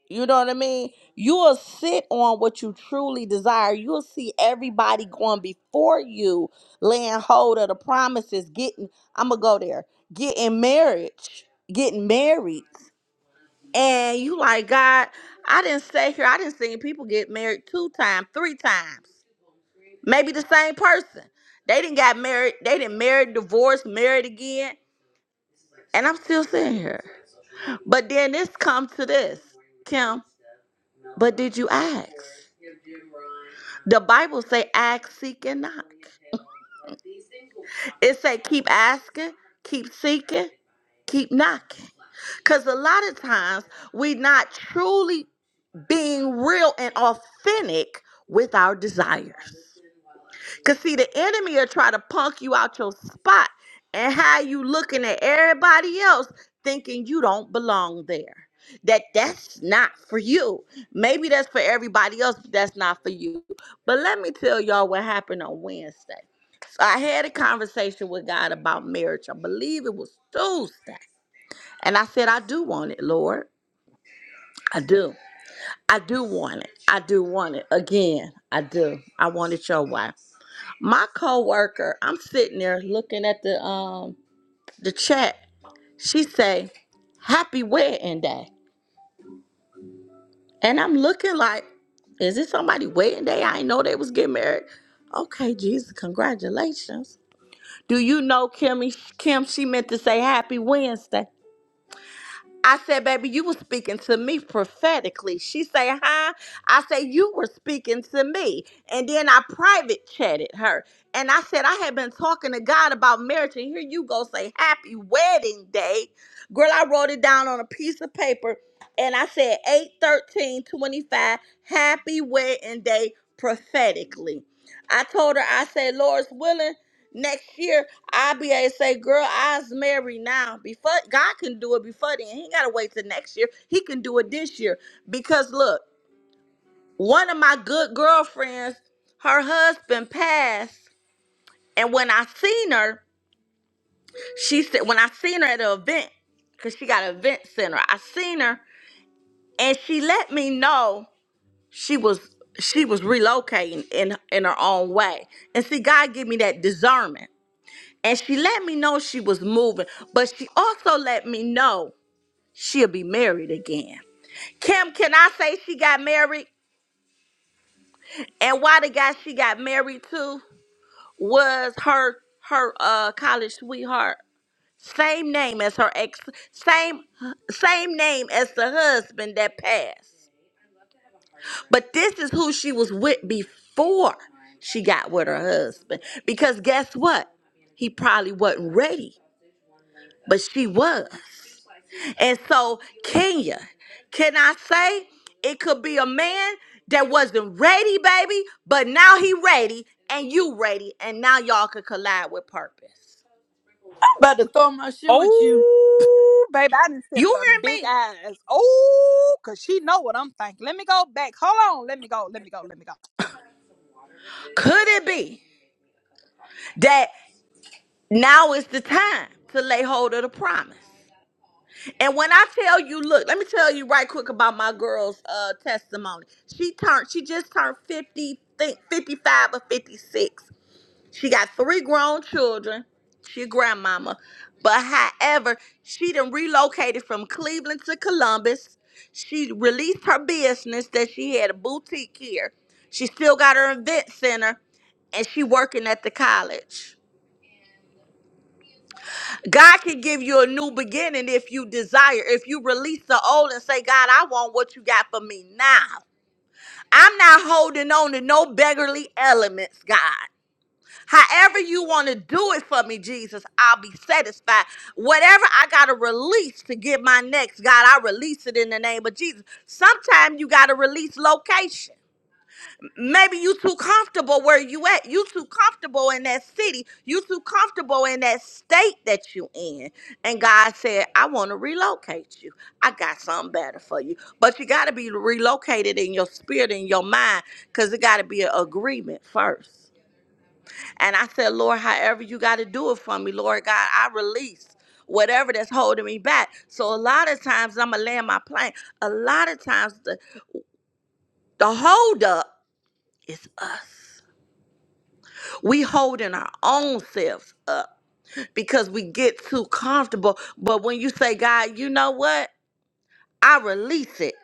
Speaker 4: You know what I mean? You will sit on what you truly desire. You'll see everybody going before you, laying hold of the promises, getting, I'm going to go there, getting marriage, getting married. And you like, God, I didn't stay here. I didn't see people get married two times, three times, maybe the same person. They didn't got married. They didn't married, divorced, married again and I'm still sitting here. But then this comes to this, Kim. But did you ask? The Bible say ask, seek, and knock. It say keep asking, keep seeking, keep knocking. Cause a lot of times we not truly being real and authentic with our desires. Cause see, the enemy will try to punk you out your spot and how you looking at everybody else thinking you don't belong there. That that's not for you. Maybe that's for everybody else, but that's not for you. But let me tell y'all what happened on Wednesday. So I had a conversation with God about marriage. I believe it was Tuesday. And I said, I do want it, Lord. I do. I do want it. I do want it. Again, I do. I want it your way. My coworker, I'm sitting there looking at the um the chat. She say, "Happy wedding day," and I'm looking like, "Is it somebody wedding day? I didn't know they was getting married." Okay, Jesus, congratulations. Do you know Kimmy? Kim, she meant to say Happy Wednesday. I said, baby, you were speaking to me prophetically. She say, huh? I say, you were speaking to me. And then I private chatted her. And I said, I had been talking to God about marriage. And here you go say, happy wedding day. Girl, I wrote it down on a piece of paper. And I said, 8 13 twenty-five, happy wedding day prophetically. I told her, I said, Lord's willing. Next year, I'll be able to say, girl, I's married now. Before God can do it before then. He ain't gotta wait till next year. He can do it this year. Because look, one of my good girlfriends, her husband passed. And when I seen her, she said, when I seen her at an event, because she got an event center, I seen her and she let me know she was she was relocating in in her own way. And see, God give me that discernment. And she let me know she was moving, but she also let me know she'll be married again. Kim, can I say she got married? And why the guy she got married to was her her uh college sweetheart. Same name as her ex, same same name as the husband that passed. But this is who she was with before she got with her husband. Because guess what? He probably wasn't ready but she was. And so, Kenya, can I say it could be a man that wasn't ready, baby, but now he ready and you ready, and now y'all could collide with purpose.
Speaker 1: About to throw my shit with you.
Speaker 2: Oh, baby, I didn't
Speaker 4: You
Speaker 2: her big
Speaker 4: hear me?
Speaker 2: eyes. Oh, cause she know what I'm thinking. Let me go back. Hold on. Let me go. Let me go. Let me go.
Speaker 4: Could it be that now is the time to lay hold of the promise? And when I tell you, look, let me tell you right quick about my girl's uh testimony. She turned, she just turned 50, think 55 or 56. She got three grown children. She a grandmama. But however, she done relocated from Cleveland to Columbus. She released her business that she had a boutique here. She still got her event center and she working at the college. God can give you a new beginning if you desire. If you release the old and say, God, I want what you got for me now. I'm not holding on to no beggarly elements, God. However, you want to do it for me, Jesus, I'll be satisfied. Whatever I got to release to get my next, God, I release it in the name of Jesus. Sometimes you got to release location. Maybe you too comfortable where you at. You too comfortable in that city. You too comfortable in that state that you in. And God said, I want to relocate you. I got something better for you. But you got to be relocated in your spirit, in your mind, because it got to be an agreement first. And I said, Lord, however you got to do it for me, Lord God, I release whatever that's holding me back. So a lot of times I'm going to land my plane. A lot of times the, the hold up is us. We holding our own selves up because we get too comfortable. But when you say, God, you know what? I release it.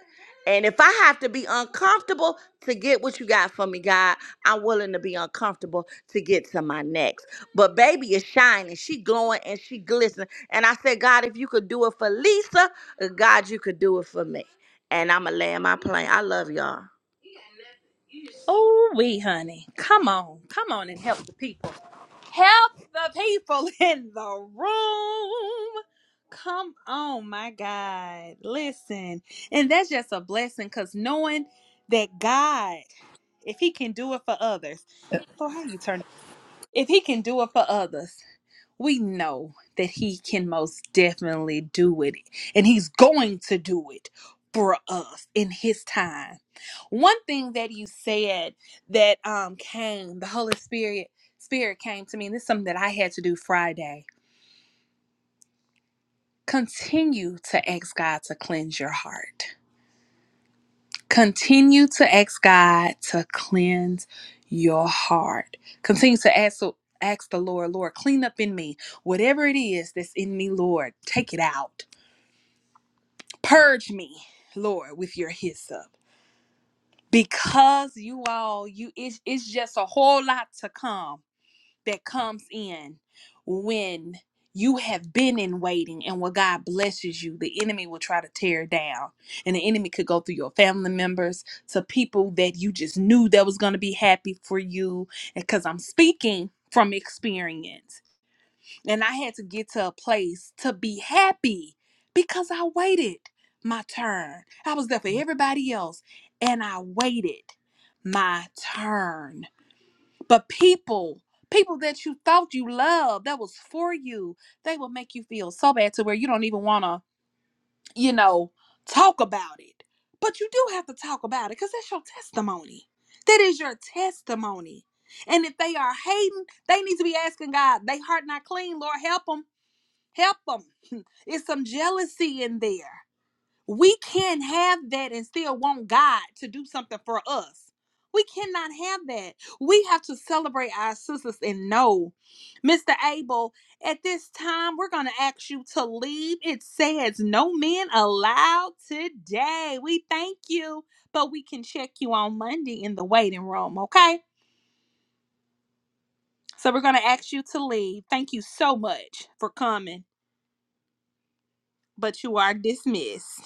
Speaker 4: And if I have to be uncomfortable to get what you got for me, God, I'm willing to be uncomfortable to get to my next. But baby is shining. She glowing and she glistening. And I said, God, if you could do it for Lisa, uh, God, you could do it for me. And I'ma land my plane. I love y'all.
Speaker 2: Oh, we, honey. Come on. Come on and help the people. Help the people in the room. Come on, my God. Listen. And that's just a blessing because knowing that God, if He can do it for others, Lord, how you turn? If He can do it for others, we know that he can most definitely do it and he's going to do it for us in his time one thing that you said that um came the holy spirit spirit came to me and this is something that i had to do friday continue to ask god to cleanse your heart continue to ask god to cleanse your heart continue to ask ask the lord lord clean up in me whatever it is that's in me lord take it out purge me lord with your hyssop because you all you it's, it's just a whole lot to come that comes in when you have been in waiting and when god blesses you the enemy will try to tear down and the enemy could go through your family members to people that you just knew that was going to be happy for you because i'm speaking from experience and I had to get to a place to be happy because I waited my turn. I was there for everybody else and I waited my turn. But people, people that you thought you loved, that was for you, they will make you feel so bad to where you don't even want to, you know, talk about it. But you do have to talk about it because that's your testimony. That is your testimony. And if they are hating, they need to be asking God, they heart not clean, Lord, help them. Help them. It's some jealousy in there. We can't have that and still want God to do something for us. We cannot have that. We have to celebrate our sisters and know, Mr. Abel, at this time, we're going to ask you to leave. It says no men allowed today. We thank you, but we can check you on Monday in the waiting room, okay? So we're going to ask you to leave. Thank you so much for coming, but you are dismissed.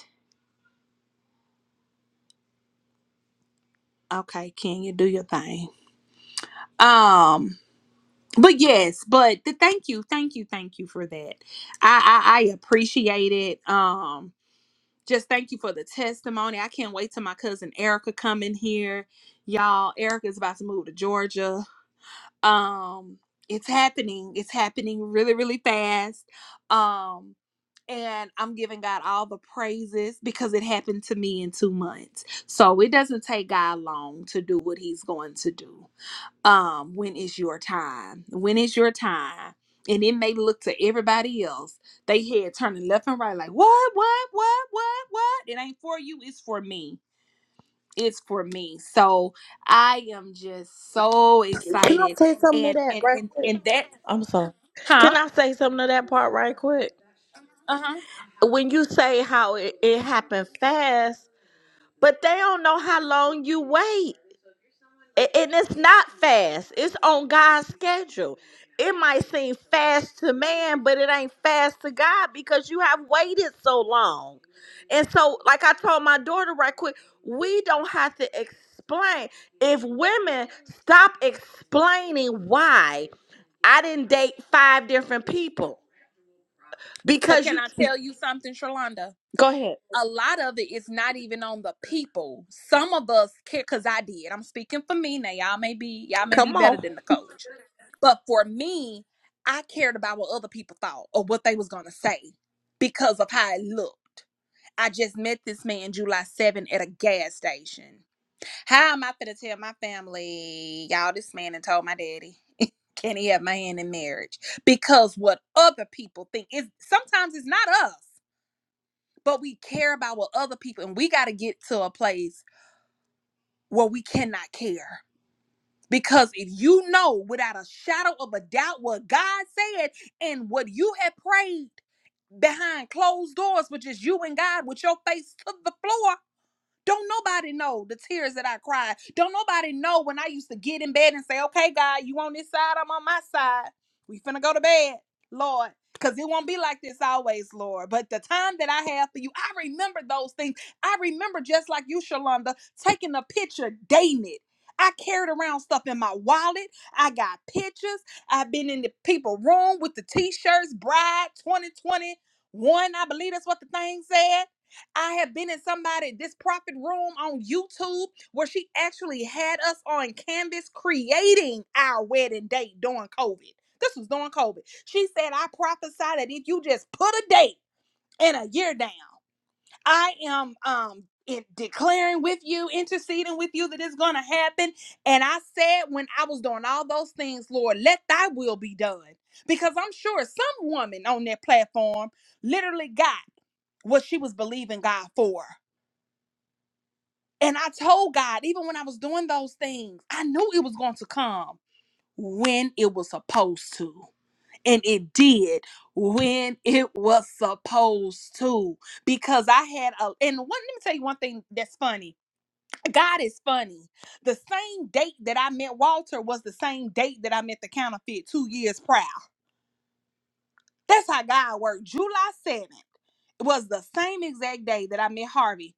Speaker 2: Okay, Kenya, do your thing. Um, but yes, but the thank you, thank you, thank you for that. I I, I appreciate it. Um, just thank you for the testimony. I can't wait till my cousin Erica come in here. Y'all, Erica's about to move to Georgia. Um, it's happening. It's happening really, really fast. Um, and I'm giving God all the praises because it happened to me in two months. So it doesn't take God long to do what he's going to do. um when is your time when is your time and it may look to everybody else they head turning left and right like what what what what what it ain't for you it's for me it's for me so i am just so
Speaker 4: Can I
Speaker 2: excited
Speaker 4: say something to
Speaker 2: and
Speaker 4: that
Speaker 2: and
Speaker 4: right
Speaker 2: and,
Speaker 4: quick?
Speaker 2: and that
Speaker 4: I'm sorry. Can
Speaker 2: huh
Speaker 4: I say something to that part right quick?
Speaker 2: uh-huh
Speaker 4: When you say how it, it happened fast, but they don't know how long you wait. A- and it's not fast it's on god's schedule it might seem fast to man but it ain't fast to god because you have waited so long and so like i told my daughter right quick we don't have to explain if women stop explaining why i didn't date five different people
Speaker 2: but
Speaker 4: because
Speaker 2: can
Speaker 4: you
Speaker 2: i tell you something shalonda
Speaker 4: go ahead
Speaker 2: a lot of it is not even on the people some of us care because i did i'm speaking for me now y'all may be y'all may be
Speaker 4: come
Speaker 2: better
Speaker 4: on
Speaker 2: than the coach But for me, I cared about what other people thought or what they was gonna say because of how it looked. I just met this man July 7 at a gas station. How am I finna tell my family, y'all, this man and told my daddy, can he have my hand in marriage? Because what other people think is sometimes it's not us, but we care about what other people and we gotta get to a place where we cannot care because if you know without a shadow of a doubt what God said and what you had prayed behind closed doors, which is you and God with your face to the floor, don't nobody know the tears that I cried. Don't nobody know when I used to get in bed and say, okay, God, you on this side, I'm on my side. We finna go to bed, Lord. Because it won't be like this always, Lord. But the time that I have for you, I remember those things. I remember just like you, Shalonda, taking a picture, dating it. I carried around stuff in my wallet. I got pictures. I've been in the people room with the t-shirts, bride 2021. I believe that's what the thing said. I have been in somebody, this prophet room on YouTube, where she actually had us on canvas creating our wedding date during COVID. This was during COVID. She said, I prophesy that if you just put a date and a year down, I am um in declaring with you, interceding with you that it's gonna happen. And I said, when I was doing all those things, Lord, let thy will be done. Because I'm sure some woman on that platform literally got what she was believing God for. And I told God, even when I was doing those things, I knew it was going to come when it was supposed to. And it did when it was supposed to. Because I had a, and one, let me tell you one thing that's funny. God is funny. The same date that I met Walter was the same date that I met the counterfeit two years prior. That's how God worked. July 7th was the same exact day that I met Harvey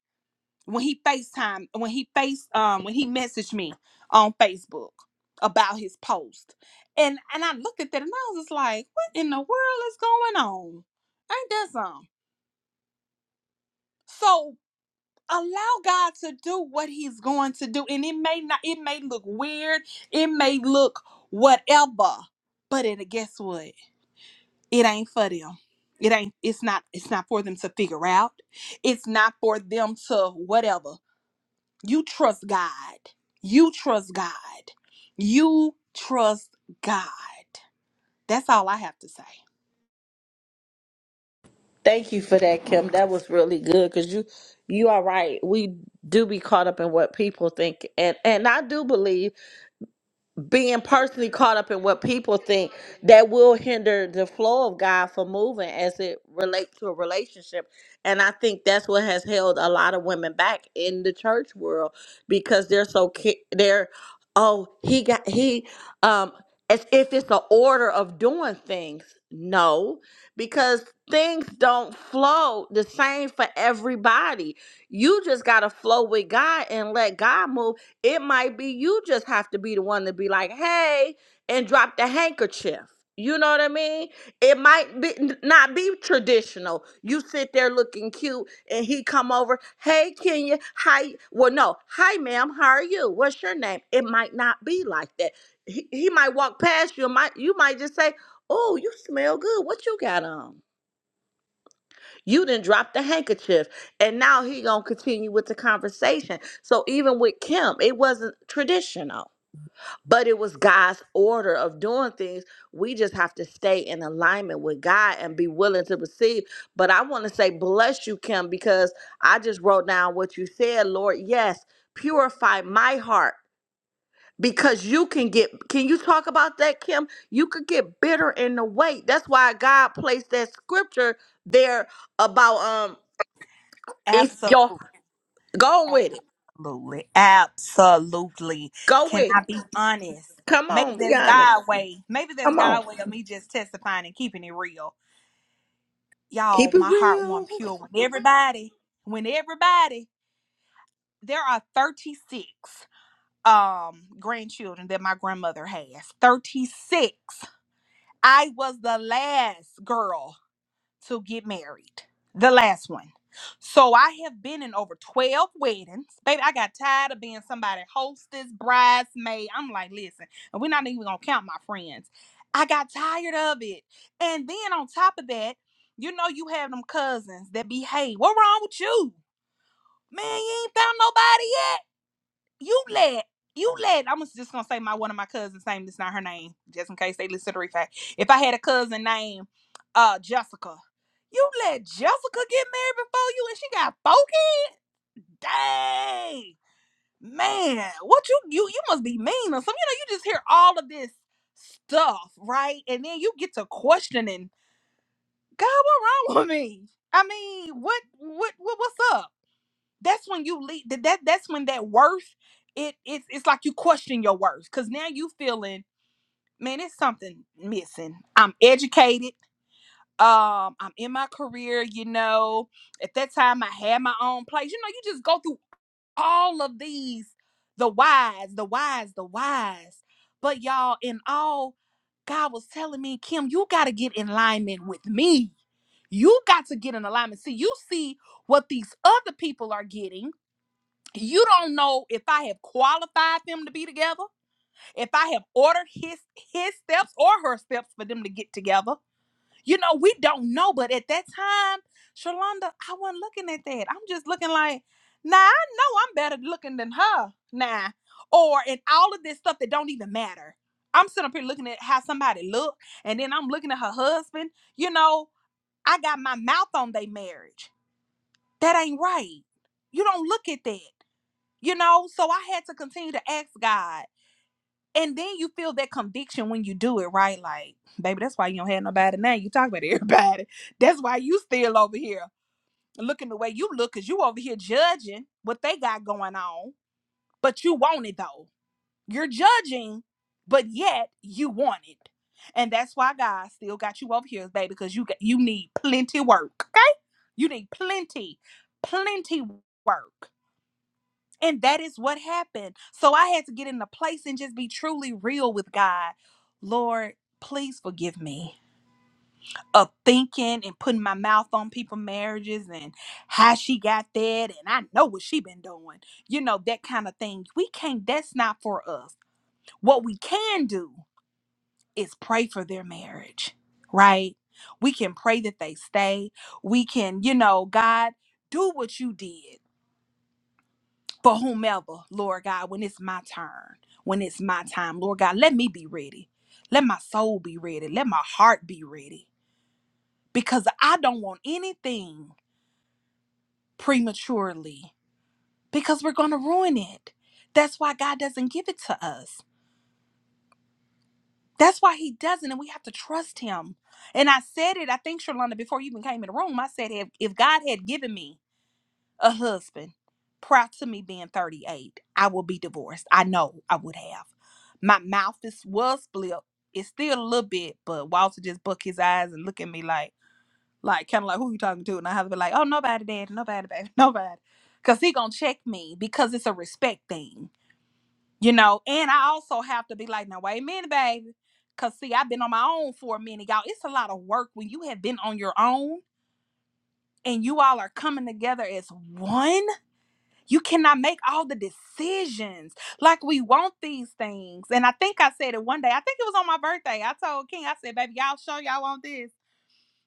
Speaker 2: when he FaceTime, when he face um when he messaged me on Facebook about his post. And and I looked at that and I was just like, what in the world is going on? Ain't that something? So allow God to do what he's going to do. And it may not it may look weird, it may look whatever, but it guess what? It ain't for them. It ain't it's not it's not for them to figure out. It's not for them to whatever. You trust God. You trust God. You trust God. That's all I have to say.
Speaker 4: Thank you for that, Kim. That was really good because you you are right. We do be caught up in what people think, and and I do believe being personally caught up in what people think that will hinder the flow of God for moving as it relates to a relationship. And I think that's what has held a lot of women back in the church world because they're so ki- they're oh he got he um as if it's the order of doing things. No, because things don't flow the same for everybody. You just got to flow with God and let God move it might be you just have to be the one to be like, hey, and drop the handkerchief. You know what I mean? It might be n- not be traditional. You sit there looking cute, and he come over. Hey, Kenya, hi. Well, no, hi, ma'am. How are you? What's your name? It might not be like that. He, he might walk past you. and Might you might just say, "Oh, you smell good. What you got on?" You didn't drop the handkerchief, and now he gonna continue with the conversation. So even with Kim, it wasn't traditional but it was God's order of doing things. We just have to stay in alignment with God and be willing to receive. But I want to say, bless you, Kim, because I just wrote down what you said, Lord. Yes, purify my heart because you can get can you talk about that kim you could get bitter in the weight that's why god placed that scripture there about um if y'all
Speaker 2: Absolutely.
Speaker 4: go with it
Speaker 2: Absolutely. Absolutely.
Speaker 4: go
Speaker 2: Can
Speaker 4: with
Speaker 2: I
Speaker 4: it
Speaker 2: be honest?
Speaker 4: come
Speaker 2: Maybe
Speaker 4: on be
Speaker 2: that's
Speaker 4: honest
Speaker 2: God way. Maybe that's
Speaker 4: come on
Speaker 2: God way of me just testifying and keeping it real. y'all,
Speaker 4: keep it
Speaker 2: my heart won
Speaker 4: real
Speaker 2: pure when everybody, when everybody, there are 36 um grandchildren that my grandmother has. 36. I was the last girl to get married. The last one. So I have been in over 12 weddings. Baby, I got tired of being somebody hostess, bridesmaid. I'm like, listen, and we're not even gonna count my friends. I got tired of it. And then on top of that, you know you have them cousins that behave. What wrong with you? Man, you ain't found nobody yet you let you let I'm just gonna say my one of my cousins' name It's not her name, just in case they listen to the replay. If I had a cousin named uh Jessica, you let Jessica get married before you and she got four kids? Dang. Man, what you you you must be mean or something. You know, you just hear all of this stuff, right? And then you get to questioning, God, what wrong with me? I mean, what what, what what's up? that's when you leave that that- that's when that worth it it's it's like you question your worth because now you feeling man it's something missing i'm educated um i'm in my career you know at that time i had my own place you know you just go through all of these the whys the whys the whys but y'all in all god was telling me kim you got to get in alignment with me you got to get in alignment see you see what these other people are getting you don't know if I have qualified them to be together, if I have ordered his his steps or her steps for them to get together. You know, we don't know, but at that time, Shalonda, I wasn't looking at that. I'm just looking like, nah, I know I'm better looking than her. Nah. Or in all of this stuff that don't even matter. I'm sitting up here looking at how somebody look, and then I'm looking at her husband. You know, I got my mouth on their marriage. That ain't right. You don't look at that you know so i had to continue to ask god and then you feel that conviction when you do it right like baby that's why you don't have nobody now you talk about everybody that's why you still over here looking the way you look because you over here judging what they got going on but you want it though you're judging but yet you want it and that's why god still got you over here baby because you got, you need plenty work okay you need plenty plenty work and that is what happened. So I had to get in the place and just be truly real with God. Lord, please forgive me of thinking and putting my mouth on people's marriages and how she got that and I know what she been doing. You know, that kind of thing. We can't that's not for us. What we can do is pray for their marriage, right? We can pray that they stay. We can, you know, God, do what you did. for whomever, Lord God, when it's my turn, when it's my time, Lord God, let me be ready. Let my soul be ready. Let my heart be ready because I don't want anything prematurely because we're going to ruin it. That's why God doesn't give it to us. That's why He doesn't, and we have to trust Him. And I said it, I think, Shalonda, before you even came in the room, I said, if, if God had given me a husband prior to me being 38 i will be divorced i know i would have my mouth is was flipped it's still a little bit but walter just buck his eyes and look at me like like kind of like who you talking to and i have to be like oh nobody dad nobody baby nobody because he gonna check me because it's a respect thing you know and i also have to be like now wait a minute baby because see i've been on my own for a minute y'all it's a lot of work when you have been on your own and you all are coming together as one you cannot make all the decisions like we want these things. And I think I said it one day. I think it was on my birthday. I told King, I said, "Baby, y'all sure y'all want this?"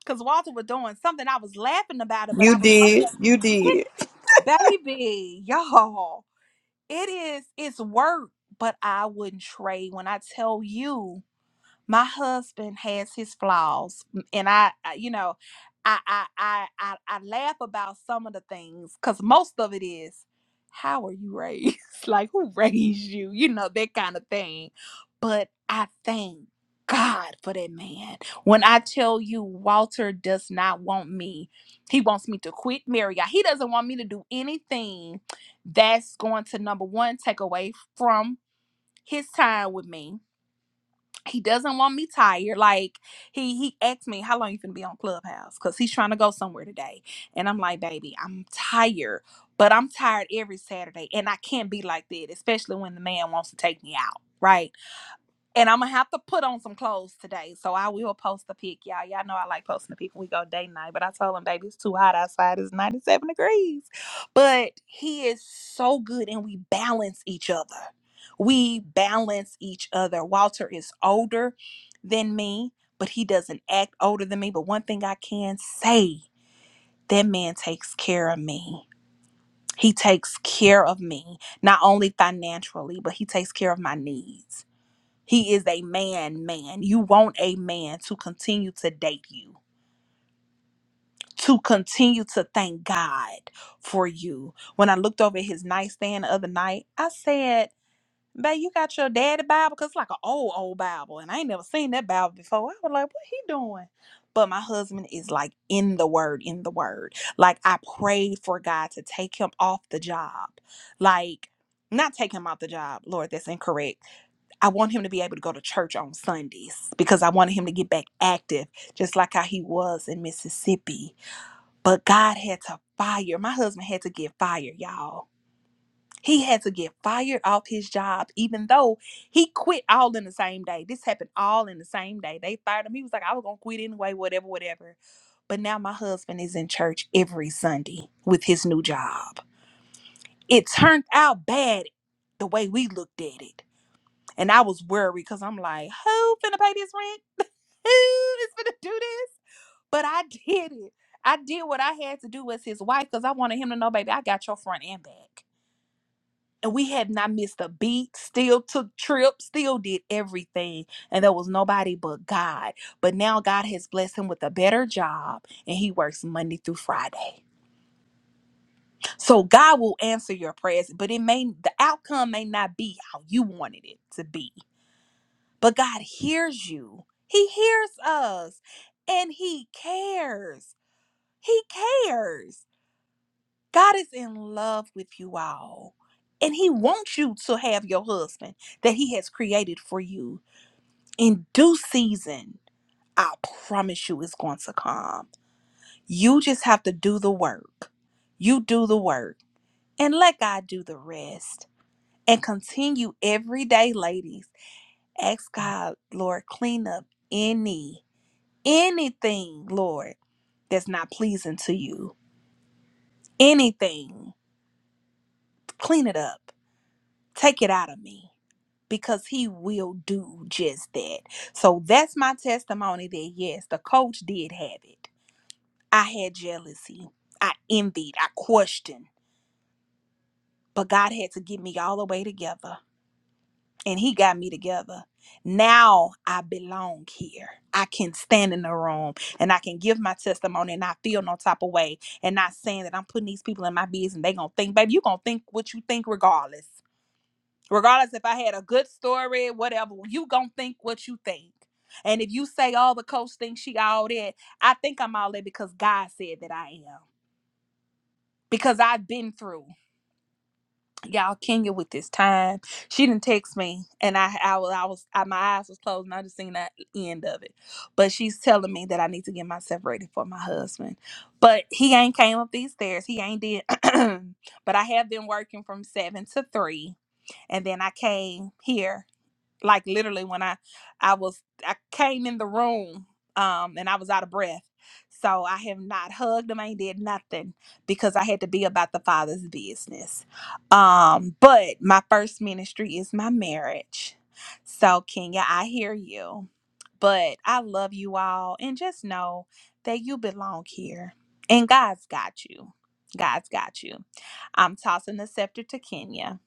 Speaker 2: Because Walter was doing something. I was laughing about it, but
Speaker 1: You
Speaker 2: I was
Speaker 1: did. You
Speaker 2: also,
Speaker 1: did.
Speaker 2: yeah, baby, y'all. It is. It's work, but I wouldn't trade when I tell you my husband has his flaws m- and i, I you know I, I i i i laugh about some of the things because most of it is how were you raised like who raised you you know that kind of thing but i thank god for that man when i tell you walter does not want me he wants me to quit marriott he doesn't want me to do anything that's going to number one take away from his time with me he doesn't want me tired. Like he he asked me how long you finna be on Clubhouse because he's trying to go somewhere today, and I'm like, baby, I'm tired, but I'm tired every Saturday, and I can't be like that, especially when the man wants to take me out, right? And I'm gonna have to put on some clothes today, so I will post a pic, y'all. Y'all know I like posting a pic when we go date night, but I told him, baby, it's too hot outside. It's 97 degrees, but he is so good, and we balance each other. We balance each other. Walter is older than me, but he doesn't act older than me. But one thing I can say, that man takes care of me. He takes care of me, not only financially, but he takes care of my needs he is a man, man. You want a man to continue to date you, to continue to thank God for you. When I looked over his nightstand the other night, I said, Babe, you got your daddy Bible? Because it's like an old, old Bible. And I ain't never seen that Bible before. I was like, What he doing? But my husband is like in the word, in the word. Like I prayed for God to take him off the job. Like, not take him off the job. Lord, that's incorrect I want him to be able to go to church on Sundays because I wanted him to get back active, just like how he was in Mississippi. But God had to fire. My husband had to get fired, y'all. He had to get fired off his job, even though he quit all in the same day. This happened all in the same day. They fired him. He was like, I was going to quit anyway, whatever, whatever. But now my husband is in church every Sunday with his new job. It turned out bad the way we looked at it and I was worried because I'm like, who finna pay this rent? Who is finna do this? But I did it. I did what I had to do as his wife because I wanted him to know, baby, I got your front and back. And we had not missed a beat, still took trips, still did everything. And there was nobody but God. But now God has blessed him with a better job and he works Monday through Friday. So God will answer your prayers, but it may the outcome may not be how you wanted it to be But God hears you. He hears us and He cares. He cares. God is in love with you all. And He wants you to have your husband that He has created for you in due season. I promise you it's going to come. You just have to do the work. You do the work and let God do the rest. And continue every day, ladies. Ask God, Lord, clean up any Anything, Lord, that's not pleasing to you, anything, clean it up, take it out of me because he will do just that. So that's my testimony that yes, the coach did have it. I had jealousy, I envied, I questioned, but God had to get me all the way together. and he got me together. Now I belong here. I can stand in the room and I can give my testimony and not feel no type of way and not saying that I'm putting these people in my business and they gonna think, baby, you gonna think what you think regardless. Regardless if I had a good story, whatever, you gonna think what you think. And if you say all the coach thinks she all that, I think I'm all that because God said that I am. Because I've been through. y'all Kenya with this time. She didn't text me, and I I was I was I, my eyes was closed, and I just seen that end of it. But she's telling me that I need to get myself ready for my husband. But he ain't came up these stairs. He ain't did. but I have been working from seven to three, and then I came here like literally when I I was I came in the room um and I was out of breath. So I have not hugged him, I ain't did nothing because I had to be about the father's business. Um but my first ministry is my marriage. So Kenya, I hear you. But I love you all and just know that you belong here and God's got you. God's got you. I'm tossing the scepter to Kenya.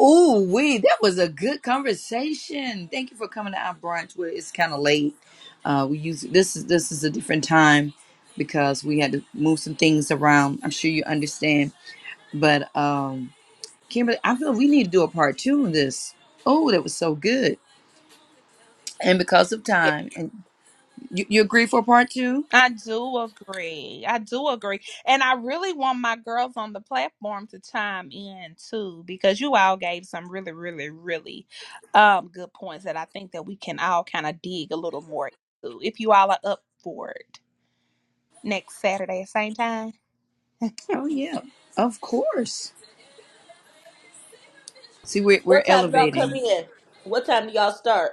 Speaker 1: Ooh, we that was a good conversation. Thank you for coming to our brunch. Where it's kind of late. Uh, we use this is this is a different time because we had to move some things around. I'm sure you understand. But um, Kimberly, I feel we need to do a part two of this. Oh, that was so good. And because of time, and you, you agree for part two?
Speaker 2: I do agree. I do agree. And I really want my girls on the platform to chime in too, because you all gave some really, really, really um good points that I think that we can all kind of dig a little more into if you all are up for it next Saturday, same time.
Speaker 1: Oh yeah, of course. See, we're we're
Speaker 4: What time y'all come
Speaker 1: elevating.
Speaker 4: in? What time do y'all start?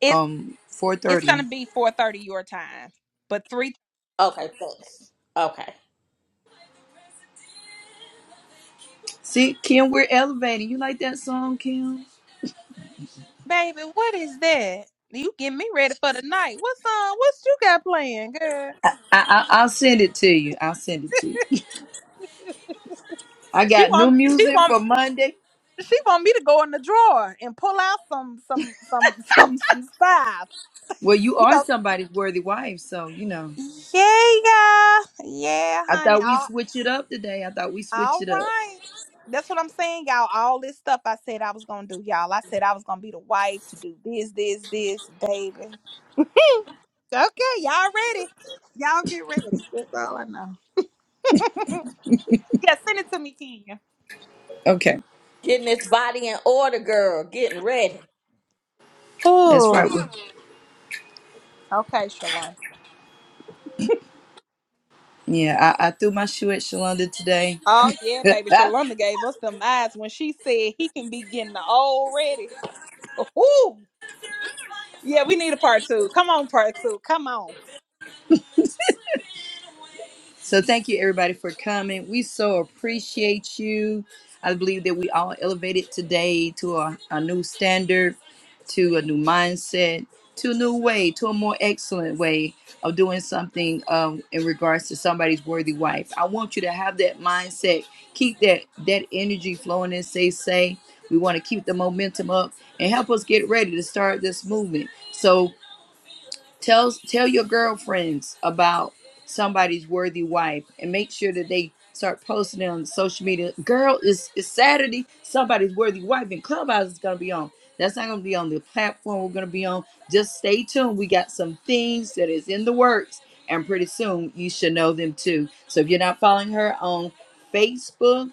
Speaker 2: It's
Speaker 1: Um, four
Speaker 2: it's gonna
Speaker 1: thirty.
Speaker 2: be four thirty your time. But three
Speaker 4: Okay, thanks. Okay.
Speaker 1: See, Kim, we're elevating. You like that song, Kim?
Speaker 2: baby, what is that? You get me ready for the night. What's on? What's you got playing, girl?
Speaker 1: I, I I'll send it to you. I'll send it to you. I
Speaker 2: She
Speaker 1: got new
Speaker 2: want she
Speaker 1: music
Speaker 2: want
Speaker 1: for Monday.
Speaker 2: She want me to go in the drawer and pull out some some some some some stuff.
Speaker 1: Well, you
Speaker 2: He
Speaker 1: are
Speaker 2: go,
Speaker 1: somebody's worthy wife, so you know.
Speaker 2: yeah, yeah, yeah,
Speaker 1: I
Speaker 2: honey.
Speaker 1: thought we
Speaker 2: All,
Speaker 1: switch it up today. I thought we switch
Speaker 2: all
Speaker 1: it up.
Speaker 2: right. That's what I'm saying, y'all. All this stuff I said I was gonna do, y'all. I said I was gonna be the wife to do this, this, this, baby. Okay, y'all ready? Y'all get ready. That's all I know. Yeah, send it to me, Kenya.
Speaker 1: Okay,
Speaker 4: Getting this body in order, girl. Getting ready.
Speaker 1: that's
Speaker 2: Oh,
Speaker 1: right. We-
Speaker 2: okay, Shalon.
Speaker 1: Yeah, I, I threw my shoe at Shalonda today.
Speaker 2: Oh yeah, baby. Shalonda gave us them eyes when she said he can be getting the old ready. Ooh, Yeah, we need a part two. Come on, part two. Come on.
Speaker 1: So thank you everybody for coming. We so appreciate you. I believe that we all elevated today to a, a new standard, to a new mindset, to a new way, to a more excellent way of doing something um, in regards to somebody's worthy wife. I want you to have that mindset. Keep that that energy flowing and say say. We want to keep the momentum up and help us get ready to start this movement. So. Tell tell your girlfriends about somebody's worthy wife and make sure that they start posting it on social media. Girl, it's, it's Saturday. Somebody's worthy wife and Clubhouse is gonna be on. That's not gonna be on the platform we're gonna be on. Just stay tuned. We got some things that is in the works, and pretty soon you should know them too. So if you're not following her on Facebook,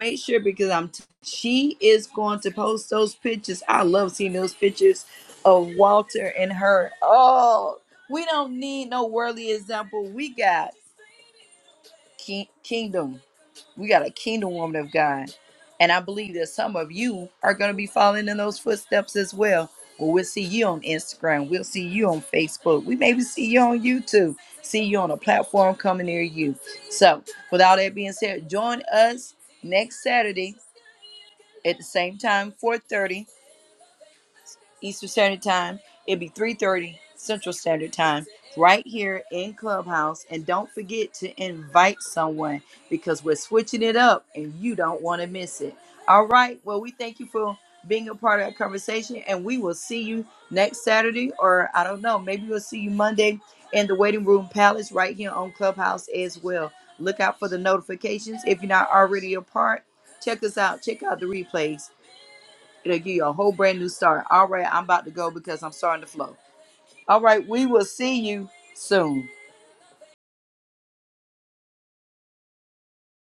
Speaker 1: make sure because I'm t- she is going to post those pictures. I love seeing those pictures of Walter and her. Oh, we don't need no worldly example. We got ki- kingdom. We got a kingdom woman of God. And I believe that some of you are going to be following in those footsteps as well. Well, we'll see you on Instagram. We'll see you on Facebook. We maybe see you on YouTube. See you on a platform coming near you. So, with all that being said, join us next Saturday at the same time, 4:30 Eastern Standard Time. It'll be 3:30 Central Standard Time right here in Clubhouse. And don't forget to invite someone because we're switching it up and you don't want to miss it. All right. Well, we thank you for being a part of our conversation and we will see you next Saturday or I don't know, maybe we'll see you Monday in the waiting room palace right here on Clubhouse as well. Look out for the notifications if you're not already a part. Check us out. Check out the replays It'll give you a whole brand new start. All right, I'm about to go because I'm starting to flow. All right, we will see you soon.